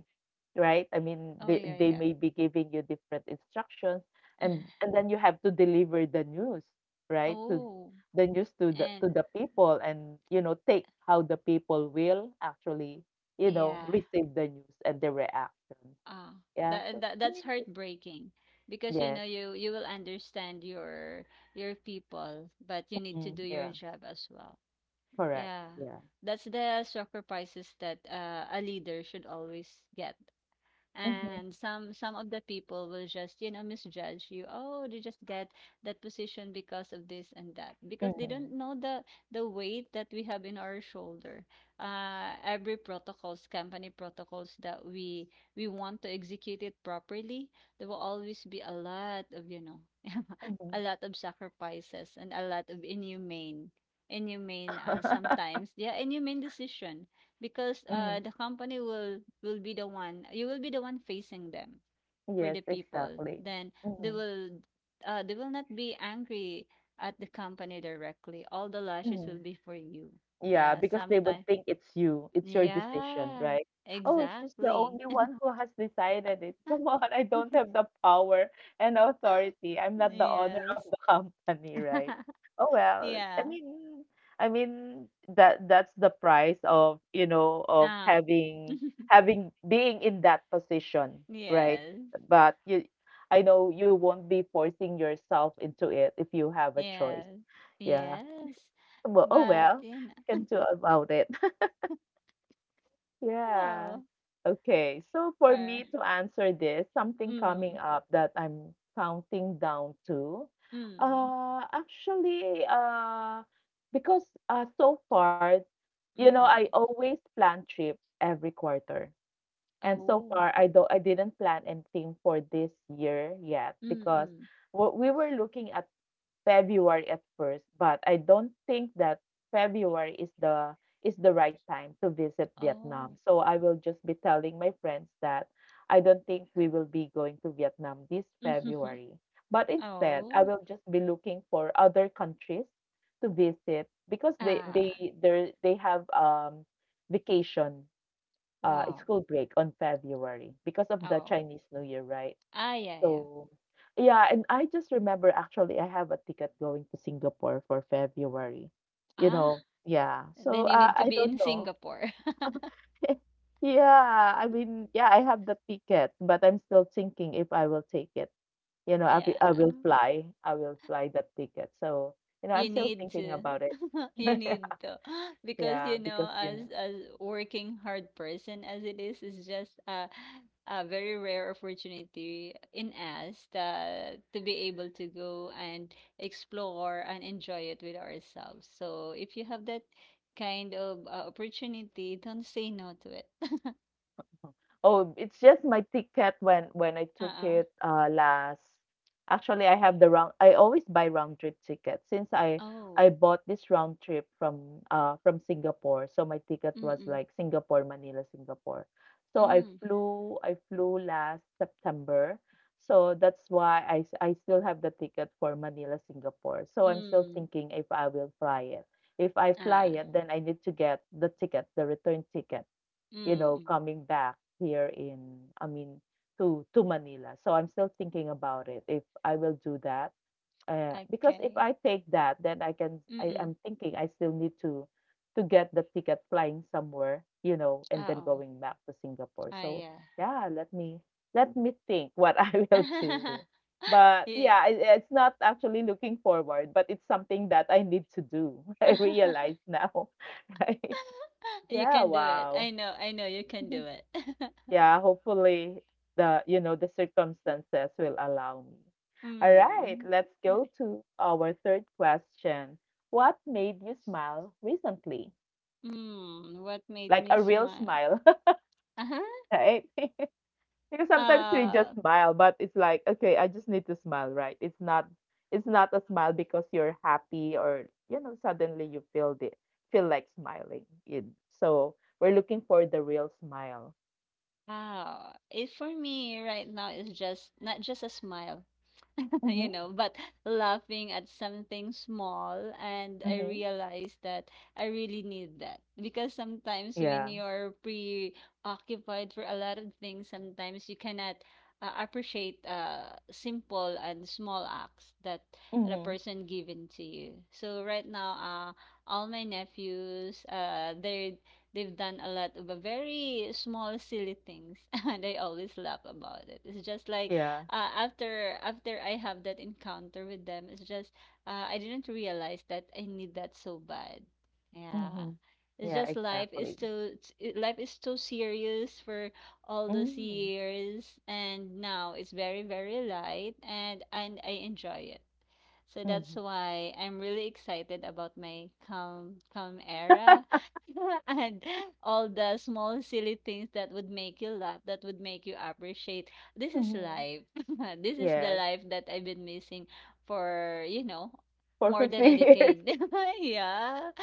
A: right? I mean,
B: Oh
A: they
B: yeah,
A: they
B: yeah.
A: may be giving you different instructions, and and then you have to deliver the news, right? To
B: Oh.
A: the news to
B: And
A: the people, and take how the people will actually,
B: yeah,
A: receive the news and the reaction.
B: uh
A: Yeah,
B: that,
A: so
B: that
A: I
B: that's
A: mean, it
B: heartbreaking because you
A: yes.
B: know you will understand your people, but you need to
A: Mhm,
B: do your
A: yeah,
B: job as well.
A: correct.
B: Yeah,
A: Yeah.
B: that's the sacrifices that a leader should always get,
A: Mhm,
B: and some of the people will just, misjudge you. Oh, they just get that position because of this and that because they don't
A: mhm,
B: know the weight that we have in our shoulder, every protocols company protocols that we want to execute it properly. There will always be a lot of,
A: mhm.
B: a lot of sacrifices and a lot of inhumane, sometimes, yeah, inhumane decision, because
A: Mhm.
B: the company will, be the one, you will be the one facing them for
A: Yes,
B: the people.
A: exactly.
B: Then they
A: Mhm,
B: will they will not be angry at the company directly. All the lashes will
A: mhm.
B: be for you.
A: Yeah,
B: Yeah,
A: because they would
B: sometimes,
A: think it's you. It's your decision,
B: yeah,
A: right? Oh, she's the
B: exactly.
A: only one who has decided it. Come on, I don't have the power and authority. I'm not the owner
B: Yes.
A: of the company, right? Oh well, I
B: Yeah,
A: mean, I mean that's the price of,
B: ah.
A: having being in that position, right?
B: Yes,
A: But you I know you won't be forcing yourself into it if you have a
B: yes,
A: choice. Yeah.
B: yes,
A: Well, oh
B: but
A: well, can do about it. Yeah.
B: oh,
A: Okay. So for
B: uh,
A: me to answer this, something coming
B: mm,
A: up that I'm counting down to,
B: mm.
A: actually, because so far,
B: Mm.
A: I always plan trip every quarter, and so
B: Oh.
A: far I didn't plan anything for this year yet because
B: Mm.
A: what we were looking at February at first, but I don't think that February is the right time to visit Vietnam.
B: Oh.
A: So I will just be telling my friends that I don't think we will be going to Vietnam this February. But instead, I
B: Oh.
A: will just be looking for other countries to visit because they
B: Ah.
A: they they they have vacation
B: Wow.
A: school break on February because of the
B: Oh.
A: Chinese New Year, right?
B: Ah, yeah, yeah.
A: So, yeah, and I just remember actually I have a ticket going to Singapore for February.
B: Ah,
A: Yeah. So
B: then you need to
A: I
B: be
A: don't
B: in
A: know.
B: Singapore.
A: Yeah, I mean, yeah, I have the ticket, but I'm still thinking if I will take it. I, wi-
B: Yeah.
A: I will fly. I will fly that ticket. So, I'm
B: You
A: still
B: need
A: thinking
B: to.
A: about it.
B: You need to.
A: Yeah,
B: Because, as working hard person as it is just a very rare opportunity in us, to be able to go and explore and enjoy it with ourselves. So if you have that kind of, opportunity, don't say no to it.
A: oh, it's just my ticket when I took
B: Uh-uh.
A: it last. Actually, I have the round I always buy round trip tickets since I
B: Oh.
A: bought this round trip from Singapore. So my ticket was
B: Mm-mm.
A: like Singapore, Manila, Singapore. So I
B: Mm.
A: flew I flew last September. So that's why I still have the ticket for Manila, Singapore. So I'm still
B: Mm.
A: thinking if I will fly it. If I
B: Ah.
A: fly it, then I need to get the ticket, the return ticket,
B: Mm.
A: coming back here I mean, to Manila. So I'm still thinking about it if I will do that. Because if
B: Okay.
A: I take that, then I can.
B: Mm-mm.
A: I'm thinking I still need to get the ticket flying somewhere, and then
B: Oh.
A: going back to Singapore.
B: Ah,
A: So
B: yeah.
A: yeah, let me think what I will do. But yeah,
B: Yeah.
A: it's not actually looking forward, but it's something that I need to do. I realize now. Right?
B: You
A: Yeah.
B: can do it.
A: Wow.
B: I know you can do it.
A: Yeah, hopefully the you know the circumstances will allow me. All right,
B: Mm.
A: let's
B: I-
A: go to our third question. What made you smile recently?
B: Mm, what made
A: Like
B: me
A: a real
B: smile?
A: smile,
B: Uh-huh.
A: right? Because sometimes we just
B: Uh,
A: smile, but it's like, okay, I just need to smile, right? It's not a smile because you're happy or suddenly you feel like smiling. So we're looking for the real smile.
B: wow. It for me right now is just not just a smile.
A: Mm-hmm.
B: But laughing at something small. And I
A: Mm-hmm.
B: realized that I really need that because sometimes
A: Yeah.
B: when you're preoccupied for a lot of things, sometimes you cannot, appreciate, simple and small acts that the
A: Mm-hmm.
B: person given to you. So right now, all my nephews, they've done a lot of, very small silly things, and I always laugh about it. It's just like,
A: Yeah.
B: after I have that encounter with them, it's just, I didn't realize that I need that so bad. Yeah.
A: Mhm.
B: It's
A: Yeah,
B: just life is
A: exactly.
B: too, serious for all those
A: Mm.
B: years, and now it's very very light and I enjoy it. So that's
A: Mhm.
B: why I'm really excited about my calm calm era and all the small silly things that would make you laugh, that would make you appreciate. This is
A: Mhm.
B: life. This is the
A: Yes,
B: life that I've been missing for,
A: for
B: more than a
A: 50 years.
B: decade. Yeah.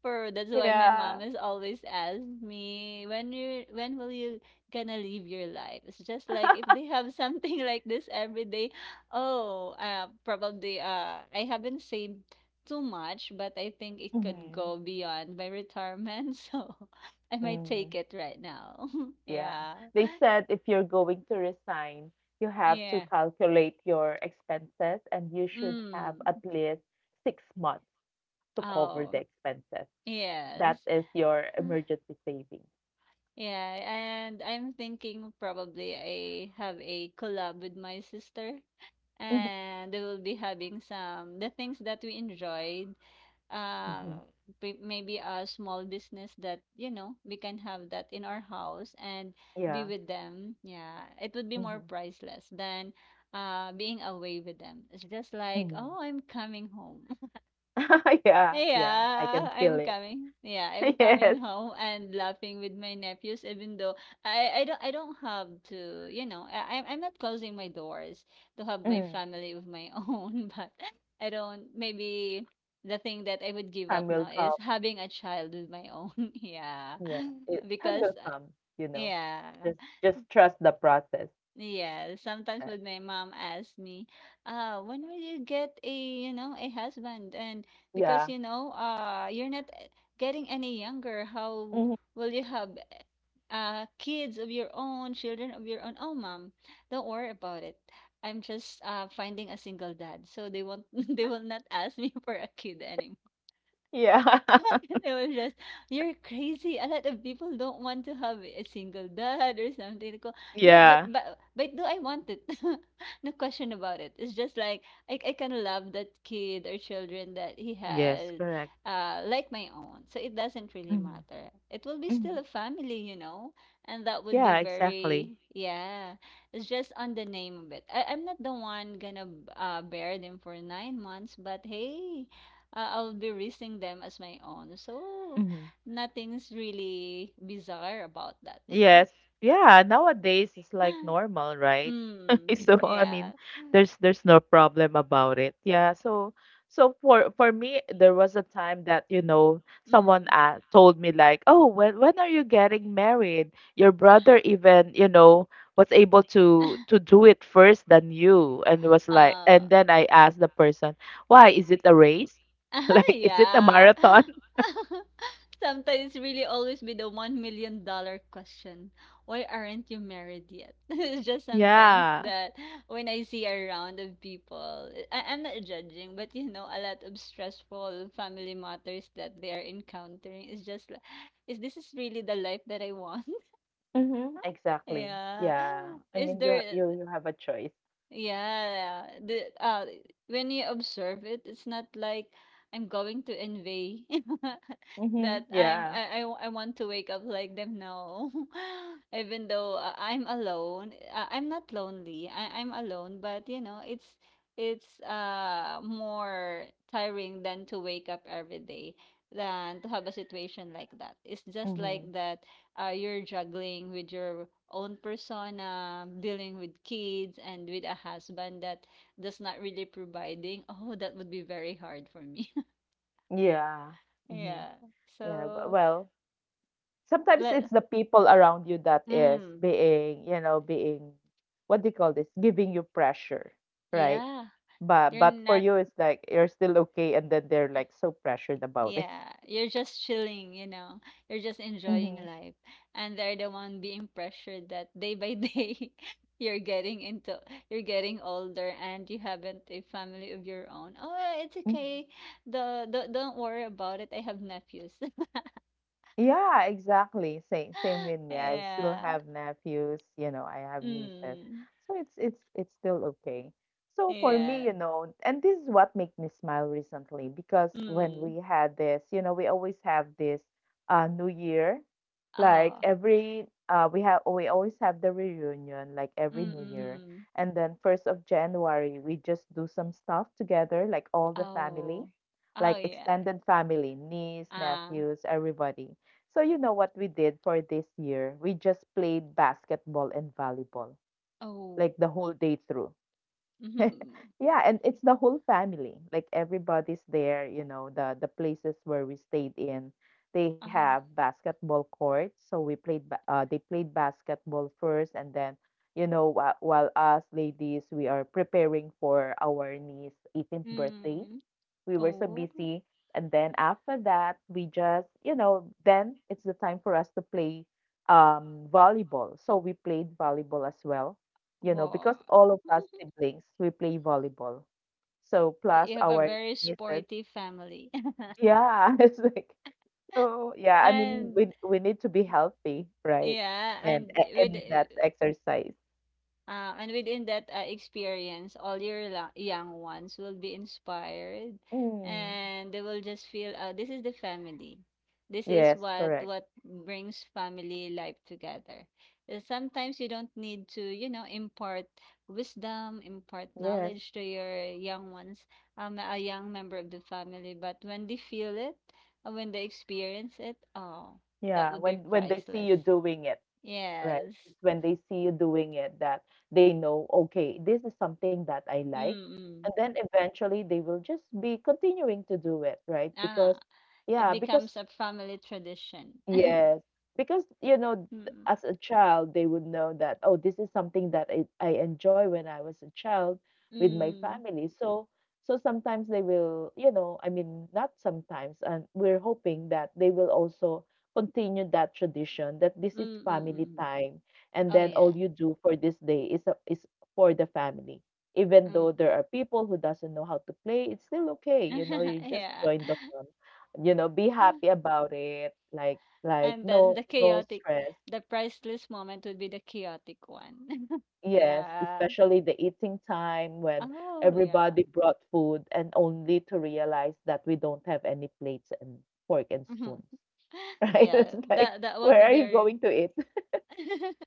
B: For that's why my
A: Yeah.
B: mom has always asked me, when will you gonna live your life? It's just like if they have something like this every day. Oh, probably I haven't saved too much, but I think it could
A: Mhm.
B: go beyond my retirement, so I might take
A: Mhm.
B: it right now.
A: Yeah.
B: Yeah.
A: They said if you're going to resign, you have to
B: Yeah.
A: calculate your expenses and you should have
B: Mm.
A: at least 6 months to cover the
B: Oh,
A: expenses. That
B: yes.
A: is your emergency savings.
B: Yeah, and I'm thinking probably I have a collab with my sister,
A: Mhm.
B: and we will be having some the things that we enjoyed, uh,
A: Mhm.
B: maybe a small business that, we can have that in our house and be
A: Yeah.
B: with them. Yeah, it would be more
A: Mhm.
B: priceless than, being away with them. It's just like,
A: Mhm.
B: oh, I'm coming home.
A: Yeah, yeah. I
B: Yeah,
A: can feel
B: I'm
A: it.
B: coming. Yeah, I'm
A: Yes.
B: coming home and laughing with my nephews, even though I don't have to, I'm not closing my doors to have my
A: Mm.
B: family of my own, but I don't maybe the thing that I would give
A: Time
B: up
A: will
B: now is
A: come.
B: having a child with my own. Yeah.
A: Yeah, it time
B: Because,
A: will come, you know.
B: yeah.
A: Just trust the process.
B: Yeah, sometimes
A: Uh,
B: would my mom ask me, when will you get a husband? And because,
A: yeah.
B: you're not, getting any younger, how
A: Mhm.
B: will you have, kids of your own, children of your own? Oh, mom, don't worry about it. I'm just, finding a single dad, so they won't, they will not ask me for a kid anymore.
A: Yeah.
B: They were just, "You're crazy. A lot of people don't want to have a single dad or something." Like, yeah, but
A: Yeah.
B: do I want it? No question about it. It's just like I kind of love that kid or children that he
A: Yes,
B: had,
A: correct.
B: like my own. So it doesn't really
A: Hmm,
B: matter. It will be
A: hmm.
B: still a family, and that would
A: Yeah,
B: be
A: exactly.
B: very yeah. It's just on the name of it. I'm not the one gonna bear them for 9 months, but hey. I'll be raising them as my own. So,
A: Hmm.
B: nothing's really bizarre about that.
A: Yes. Yeah, nowadays it's like normal, right?
B: Mm,
A: So I
B: yeah.
A: mean, there's no problem about it. Yeah. So for me, there was a time that, someone
B: Mm.
A: told me like, "Oh, when are you getting married? Your brother even, was able to do it first than you." And was like, and
B: Ah,
A: then I asked the person, "Why? Is it a race? Like, is it a
B: yeah.
A: marathon?"
B: Sometimes really always be the $1 million question. Why aren't you married yet? It's just sometimes
A: Yeah.
B: that when I see around of people, I'm not judging, but, a lot of stressful family matters that they are encountering is just like, is this is really the life that I want?
A: Mhm, exactly.
B: Yeah.
A: Yeah. I
B: Is
A: mean, you ha-
B: there?
A: you have a choice.
B: Yeah, the When you observe it, it's not like I'm going to envy
A: Mhm.
B: that I'm
A: Yeah.
B: I w- I want to wake up like them. No, even though I'm alone, I'm not lonely. I'm alone, but you know, it's more tiring than to wake up every day than to have a situation like that. It's just like
A: Mhm.
B: that you're juggling with your own persona, dealing with kids, and with a husband that does not really providing. Oh, that would be very hard for me.
A: Yeah. Mhm.
B: Yeah.
A: Yeah.
B: So
A: Well, sometimes it's
B: let.
A: the people around you that is
B: Mm,
A: being, what do you call this? Giving you pressure, right?
B: yeah.
A: But
B: You're
A: but for
B: not.
A: you, it's like you're still okay, and then they're like so pressured about it.
B: Yeah, you're just chilling, you know. You're just enjoying life. And they're the one being pressured that day by day, you're getting into, you're getting older and you haven't a family of your own. Oh, it's
A: Mhm.
B: okay. The don't worry about it. I have nephews.
A: Yeah, exactly. Same with me. I still
B: Yeah.
A: have nephews, I have nieces.
B: Mm.
A: So it's still okay. So for me,
B: Yeah.
A: and this is what made me smile recently because when
B: Mm.
A: we had this, we always have this New Year. Like
B: Oh.
A: every we have we always have the reunion like
B: Mm,
A: every New
B: mm,
A: Year.
B: mm.
A: And then first of January, we just do some stuff together, like all the family,
B: Oh. Oh
A: like
B: yeah.
A: extended family, niece,
B: Ah.
A: nephews, everybody, so you know what we did for this year? We just played basketball and volleyball like
B: Oh.
A: the whole day through.
B: Mm-hmm.
A: Yeah, and it's the whole family. Like everybody's there, you know, the places where we stayed in, they
B: Uh-huh.
A: have basketball courts. So they played basketball first, and then while us ladies, we are preparing for our niece's 18th birthday.
B: Mm.
A: We were so
B: Oh.
A: busy. And then after that, we just, then it's the time for us to play volleyball. So we played volleyball as well, you know, because
B: Wow.
A: all of us siblings, we play volleyball. So plus
B: You have a
A: our
B: very
A: nieces.
B: sporty family.
A: Yeah, it's like, oh, yeah, I mean,
B: And
A: we need to be healthy, right?
B: yeah, and
A: And,
B: with
A: and that's exercise.
B: And within that experience, all your young ones will be inspired,
A: Mm,
B: and they will just feel, this is the family. This is
A: yes,
B: what
A: correct.
B: what brings family life together. Sometimes you don't need to, you know, impart wisdom, impart
A: Yes.
B: knowledge to your young ones, a young member of the family. But when they feel it, when they experience it, oh, that
A: Yeah,
B: would be
A: when they see
B: priceless.
A: you doing it. Right.
B: Yes.
A: It's when they see you doing it that they know, okay, this is something that I like. And
B: Mm-mm.
A: then eventually they will just be continuing to do it, right? Because,
B: Ah. It
A: yeah,
B: becomes
A: because
B: a family tradition.
A: yes, because
B: Mm,
A: as a child, they would know that, oh, this is something that I enjoy when I was a child with my
B: mm,
A: family. So, so sometimes they will, you know, I mean, not sometimes, and we're hoping that they will also continue that tradition, that this is
B: mm, mm, mm,
A: family
B: mm.
A: time, and
B: Oh
A: then
B: yeah.
A: all you do for this day is for the family. Even though
B: Mm.
A: there are people who doesn't know how to play, it's still okay, you know, you just
B: Yeah.
A: join the fun, be happy about it, like like
B: And that's
A: no
B: the
A: no
B: chaotic,
A: stress.
B: the priceless moment would be the chaotic one.
A: Yes,
B: Yeah.
A: especially the eating time when
B: Oh yeah.
A: everybody brought food and only to realize that we don't have any plates and fork and
B: Hmm.
A: spoons. Right?
B: Yeah.
A: It's like,
B: That that would
A: where
B: be
A: are you
B: very
A: going to eat?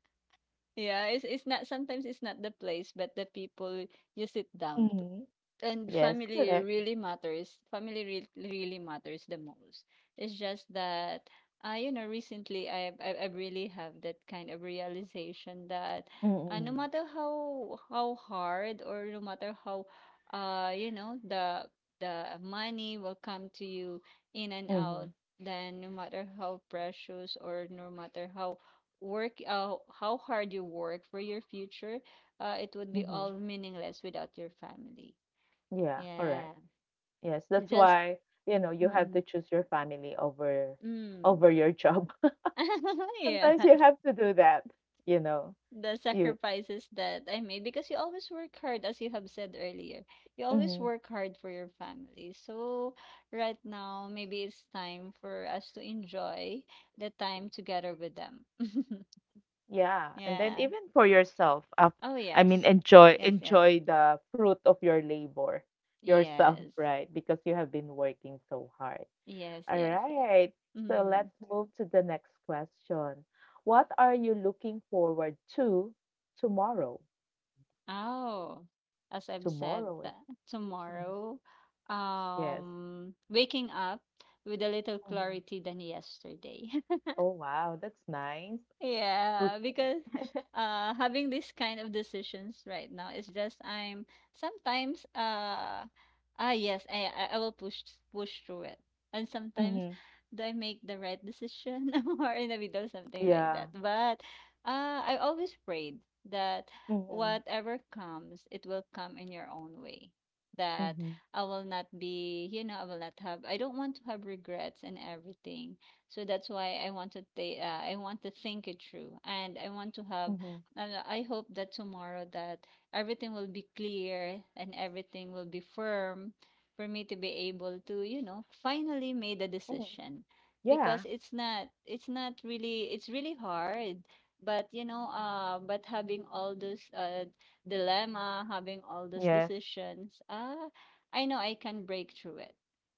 B: yeah, it's not sometimes it's not the place, but the people you sit down
A: Hmm.
B: and
A: Yes,
B: family
A: correct.
B: really matters. Family really matters the most. It's just that you know, recently I really have that kind of realization that no
A: Mm-hmm.
B: matter how hard or no matter how uh, you know, the money will come to you in and
A: Mm-hmm.
B: out, then no matter how precious or no matter how work how hard you work for your future, it would be
A: Mm-hmm.
B: all meaningless without your family.
A: Yeah, correct.
B: Yeah.
A: Yes, that's
B: Just
A: why, you know, you have to
B: mm,
A: choose your family over
B: mm.
A: over your job.
B: Yeah,
A: Sometimes you have to do that, you know.
B: the
A: You.
B: sacrifices that I made because you always work hard, as you have said earlier. You always
A: Mhm.
B: work hard for your family. So right now, maybe it's time for us to enjoy the time together with them.
A: Yeah, and then
B: Yeah.
A: even for yourself,
B: Oh,
A: I mean,
B: yes.
A: enjoy
B: Yes, yes.
A: enjoy the fruit of your labor yourself,
B: Yes.
A: right? Because you have been working so hard.
B: Yes,
A: All
B: yes, yes.
A: right, so
B: Mm.
A: let's move to the next question. What are you looking forward to tomorrow?
B: Oh, as I've said,
A: Tomorrow is
B: that
A: mhm,
B: tomorrow,
A: yes.
B: waking up with a little
A: Hmm.
B: clarity than yesterday.
A: Oh wow, that's nice. Okay.
B: Yeah, because uh, having this kind of decisions right now is just I'm sometimes uh, yes, I will push through it. And sometimes
A: Mm-hmm.
B: do I make the right decision or in the middle something like
A: Yeah.
B: that. But uh, I always prayed that
A: Mm-hmm.
B: whatever comes, it will come in your own way. That
A: Hmm.
B: I will not be, you know, I will not have, I don't want to have regrets and everything, so that's why I want to think it through and I want to have,
A: Mm-hmm.
B: and I hope that tomorrow that everything will be clear and everything will be firm for me to be able to, you know, finally made a decision because
A: Yeah.
B: it's not really it's really hard, but you know, uh, but having all those uh, dilemma, having all those
A: Yes.
B: decisions, uh, I know I can break through it.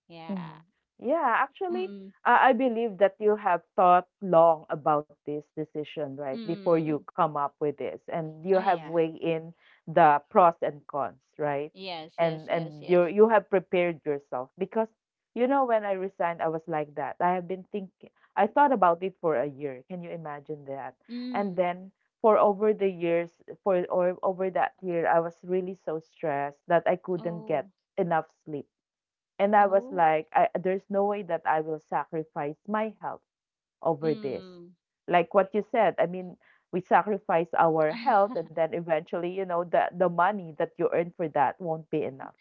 B: Yeah.
A: Mhm. Yeah, actually,
B: Mm,
A: I believe that you have thought long about this decision, right,
B: mm,
A: before you
B: mm.
A: come up with this, and you
B: Oh
A: have
B: yeah.
A: weighed in the pros and cons, right?
B: Yes, yes,
A: And
B: yes,
A: and
B: yes.
A: you you have prepared yourself because you know when I resigned, I was like that. I have been thinking, I thought about it for a year. Can you imagine that? And
B: Mm.
A: then for over the years, for or over that year, I was really so stressed that I couldn't get
B: Oh,
A: enough sleep. And I was
B: oh.
A: like, I, there's no way that I will sacrifice my health over this.
B: Mm.
A: Like what you said, I mean, we sacrifice our health and then eventually, you know, the money that you earn for that won't be enough.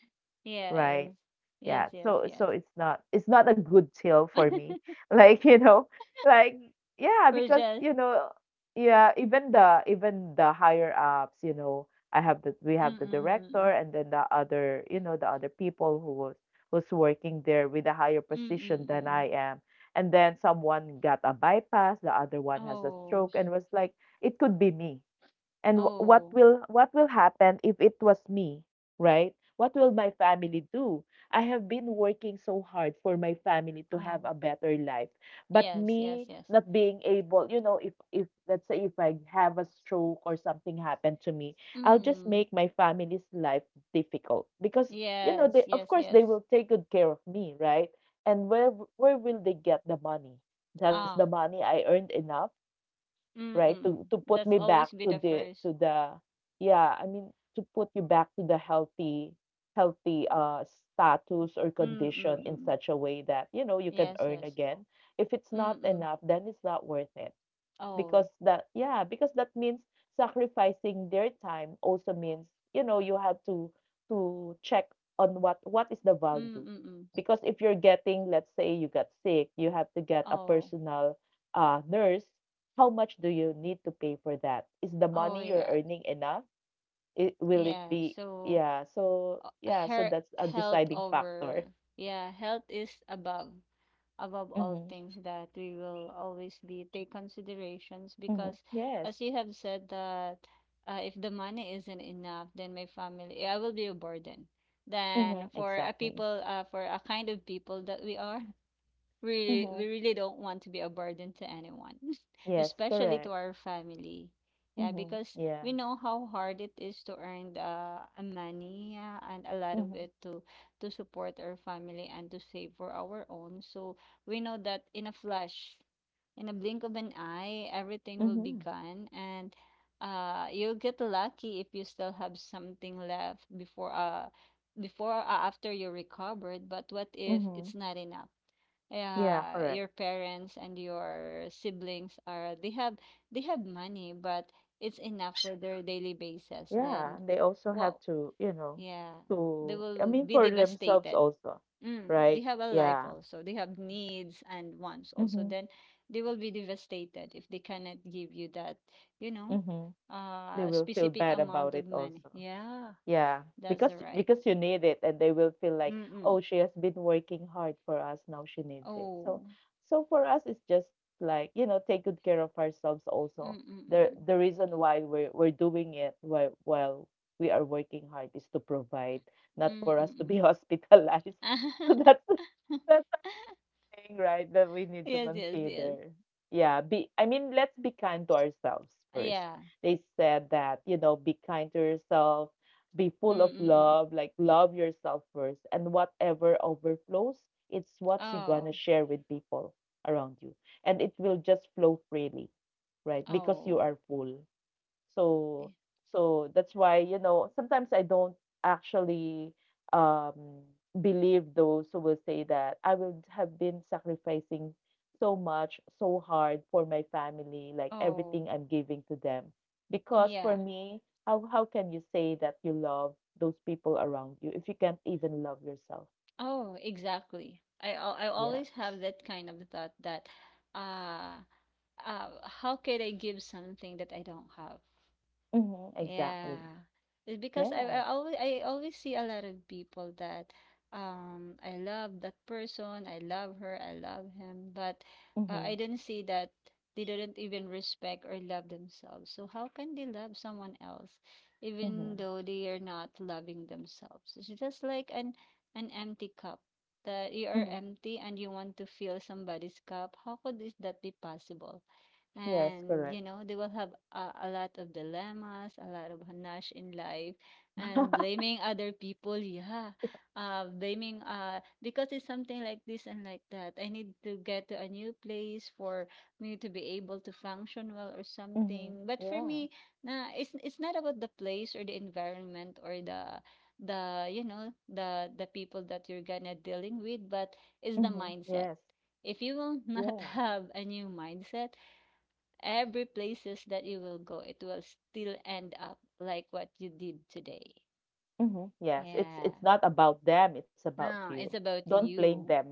A: Right.
B: Yes. Yes,
A: Yeah.
B: yes,
A: So so
B: yes.
A: it's not a good tale for me. Like, you know, like yeah,
B: We're
A: because
B: just
A: you know, yeah, even the higher ups, you know, I have the we have the director,
B: mm-mm.
A: and then the other, you know, the other people who was who's working there with a higher position than
B: Mm-mm.
A: I am. And then someone got a bypass, the other one has a
B: Oh,
A: stroke. And was like, it could be me. And wh- what
B: oh,
A: will what will happen if it was me, right? What will my family do? I have been working so hard for my family to have
B: oh.
A: a better life. But
B: Yes, yes,
A: me
B: yes.
A: not being able, you know, if let's say if I have a stroke or something happened to me, I'll just
B: Mm.
A: make my family's life difficult because you know, they
B: Yes,
A: of
B: yes,
A: course they
B: yes.
A: will take good care of me, right? And where will they get the money? Does the
B: Ah.
A: money I earned enough? Right,
B: Mm-mm.
A: to put me
B: That's
A: back
B: always be the
A: to
B: first.
A: the yeah, I mean, to put you back to the healthy healthy, status or condition in
B: Mm-mm.
A: such a way that, you know, you can
B: Yes,
A: earn
B: yes.
A: again. If it's not
B: Mm-mm.
A: enough, then it's not worth it because
B: Oh.
A: that yeah because that means sacrificing their time also means you know you have to check on what is the value.
B: Mm-mm.
A: Because if you're getting, let's say you got sick, you have to get a
B: Oh.
A: personal, nurse. How much do you need to pay for that? Is the
B: Oh
A: money you're
B: yeah.
A: earning enough? It will it
B: Yeah.
A: be?
B: So
A: Yeah, so
B: uh,
A: yeah, so
B: her
A: that's a
B: health
A: deciding factor.
B: over yeah, health is above above all
A: Mm-hmm.
B: things that we will always be take considerations
A: Mm-hmm.
B: because
A: Yes.
B: as you have said that if the money isn't enough then my family I will be a burden, then
A: Mm-hmm.
B: for a
A: Exactly.
B: people for a kind of people that we are, really
A: Mm-hmm.
B: we really don't want to be a burden to anyone,
A: Yes,
B: especially
A: correct.
B: to our family. Yeah,
A: Mm-hmm.
B: because
A: Yeah.
B: we know how hard it is to earn the money, yeah, and a lot of
A: Mhm,
B: it to support our family and to save for our own. So we know that in a flash, in a blink of an eye, everything will be
A: mhm,
B: gone and you'll get lucky if you still have something left before or after you recovered, but what if
A: mhm.
B: it's not enough?
A: Yeah,
B: Uh,
A: correct.
B: your parents and your siblings are they have money, but it's enough for their daily basis
A: Yeah,
B: then,
A: and they also have
B: well,
A: to, you know,
B: yeah, they
A: to, I
B: will
A: mean,
B: be
A: for themselves
B: devastated.
A: also,
B: Mm, they
A: right?
B: have a life
A: Yeah.
B: also, they have needs and wants also,
A: Mm-hmm,
B: then they will be devastated if they cannot give you that, you know,
A: mm-hmm. They will feel
B: specific
A: bad about
B: amount
A: it
B: of money.
A: also.
B: Yeah,
A: Yeah,
B: that's the right.
A: because you need it, and they will feel like,
B: Mm-mm.
A: oh, she has been working hard for us. Now she needs it. So,
B: Oh.
A: so for us, it's just like, you know, take good care of ourselves. Also, the
B: Mm-mm-mm.
A: reason why we're doing it while we are working hard is to provide, not for us to be
B: Mm-mm-mm.
A: hospitalized. So that's thing, right, that we need to
B: Yes, yes, yes.
A: consider. Yeah, be I mean, let's be kind to ourselves first.
B: Yeah.
A: They said that, you know, be kind to yourself, be
B: Mm,
A: full of
B: mm, mm.
A: love, like love yourself first, and whatever overflows, it's what you're
B: Oh,
A: gonna share with people around you. And it will just flow freely, right? Because you
B: oh,
A: are full.
B: yeah.
A: So so that's why, you know, sometimes I don't actually um believe those who will say that I would have been sacrificing so much, so hard for my family, like
B: Oh,
A: everything I'm giving to them. Because for
B: yeah.
A: me, how can you say that you love those people around you if you can't even love yourself?
B: Oh, exactly. I
A: Yeah.
B: always have that kind of thought that, uh, uh, how could I give something that I don't have?
A: Mm-hmm, exactly.
B: Yeah. It's because I, I
A: Yes.
B: always I always see a lot of people that um, I love that person, I love her, I love him, but I
A: Mm-hmm.
B: didn't see that they didn't even respect or love themselves. So how can they love someone else even
A: Mm-hmm.
B: though they are not loving themselves? It's just like an empty cup, that you are
A: Mm-hmm.
B: empty and you want to fill somebody's cup. How could this that be possible?
A: Yes,
B: And you
A: correct.
B: know, they will have a lot of dilemmas, a lot of hanash in life, and blaming other people, yeah, uh, blaming uh, because it's something like this and like that, I need to get to a new place for me to be able to function well or
A: Mm-hmm.
B: something. But for
A: Yeah.
B: me, nah, it's not about the place or the environment or the, you know, the people that you're gonna dealing with, but it's the
A: Mm-hmm.
B: mindset.
A: Yes.
B: If you will not
A: Yeah.
B: have a new mindset, every places that you will go, it will still end up like what you did today.
A: Hmm. Yes,
B: Yeah.
A: it's not about them, it's about
B: No,
A: you.
B: it's about
A: Don't blame
B: you.
A: them.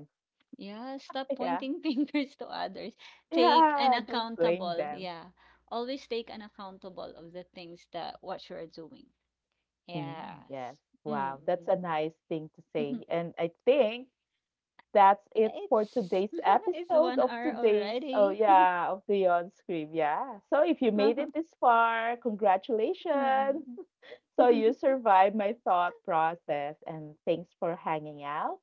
B: Yeah, stop
A: Yeah.
B: pointing fingers to others. Take an
A: Yeah, don't blame
B: accountable.
A: them.
B: Yeah. Always take an accountable of the things that what you are doing.
A: Mm, yes.
B: Yes. Mm.
A: Wow, that's a nice thing to say.
B: Mhm.
A: And I think that's it for
B: It's
A: today's
B: it's
A: episode
B: one
A: of
B: hour
A: today's oh
B: already.
A: yeah, of Beyond Scream. Yeah. So if you made it this far, congratulations.
B: Mm.
A: So you survived my thought process, and thanks for hanging out,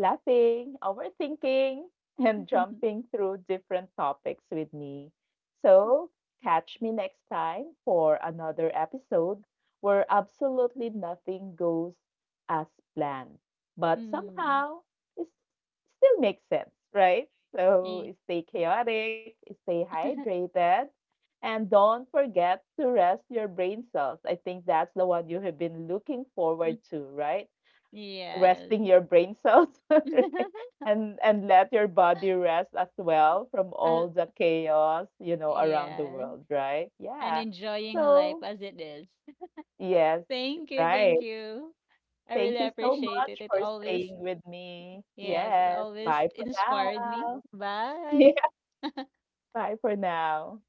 A: laughing, overthinking, and jumping through different topics with me. So, catch me next time for another episode where absolutely nothing goes as planned, but
B: Mm.
A: somehow it still makes sense, right? So,
B: Eh,
A: stay chaotic, stay hydrated. And don't forget to rest your brain cells. I think that's the one you have been looking
B: mm.
A: forward to, right? Resting
B: Yes.
A: your brain cells. And let your body rest as well from
B: I,
A: all the chaos, you know, around the
B: yeah,
A: world, right?
B: and
A: Yeah,
B: enjoying life
A: so
B: as it is.
A: yes,
B: Thank you,
A: right,
B: thank you. I
A: thank
B: really
A: you so
B: appreciate it.
A: much
B: It
A: for
B: always,
A: staying with me.
B: yes, it
A: Yes,
B: always
A: bye for
B: inspired me.
A: now. Yeah,
B: Bye.
A: bye for now.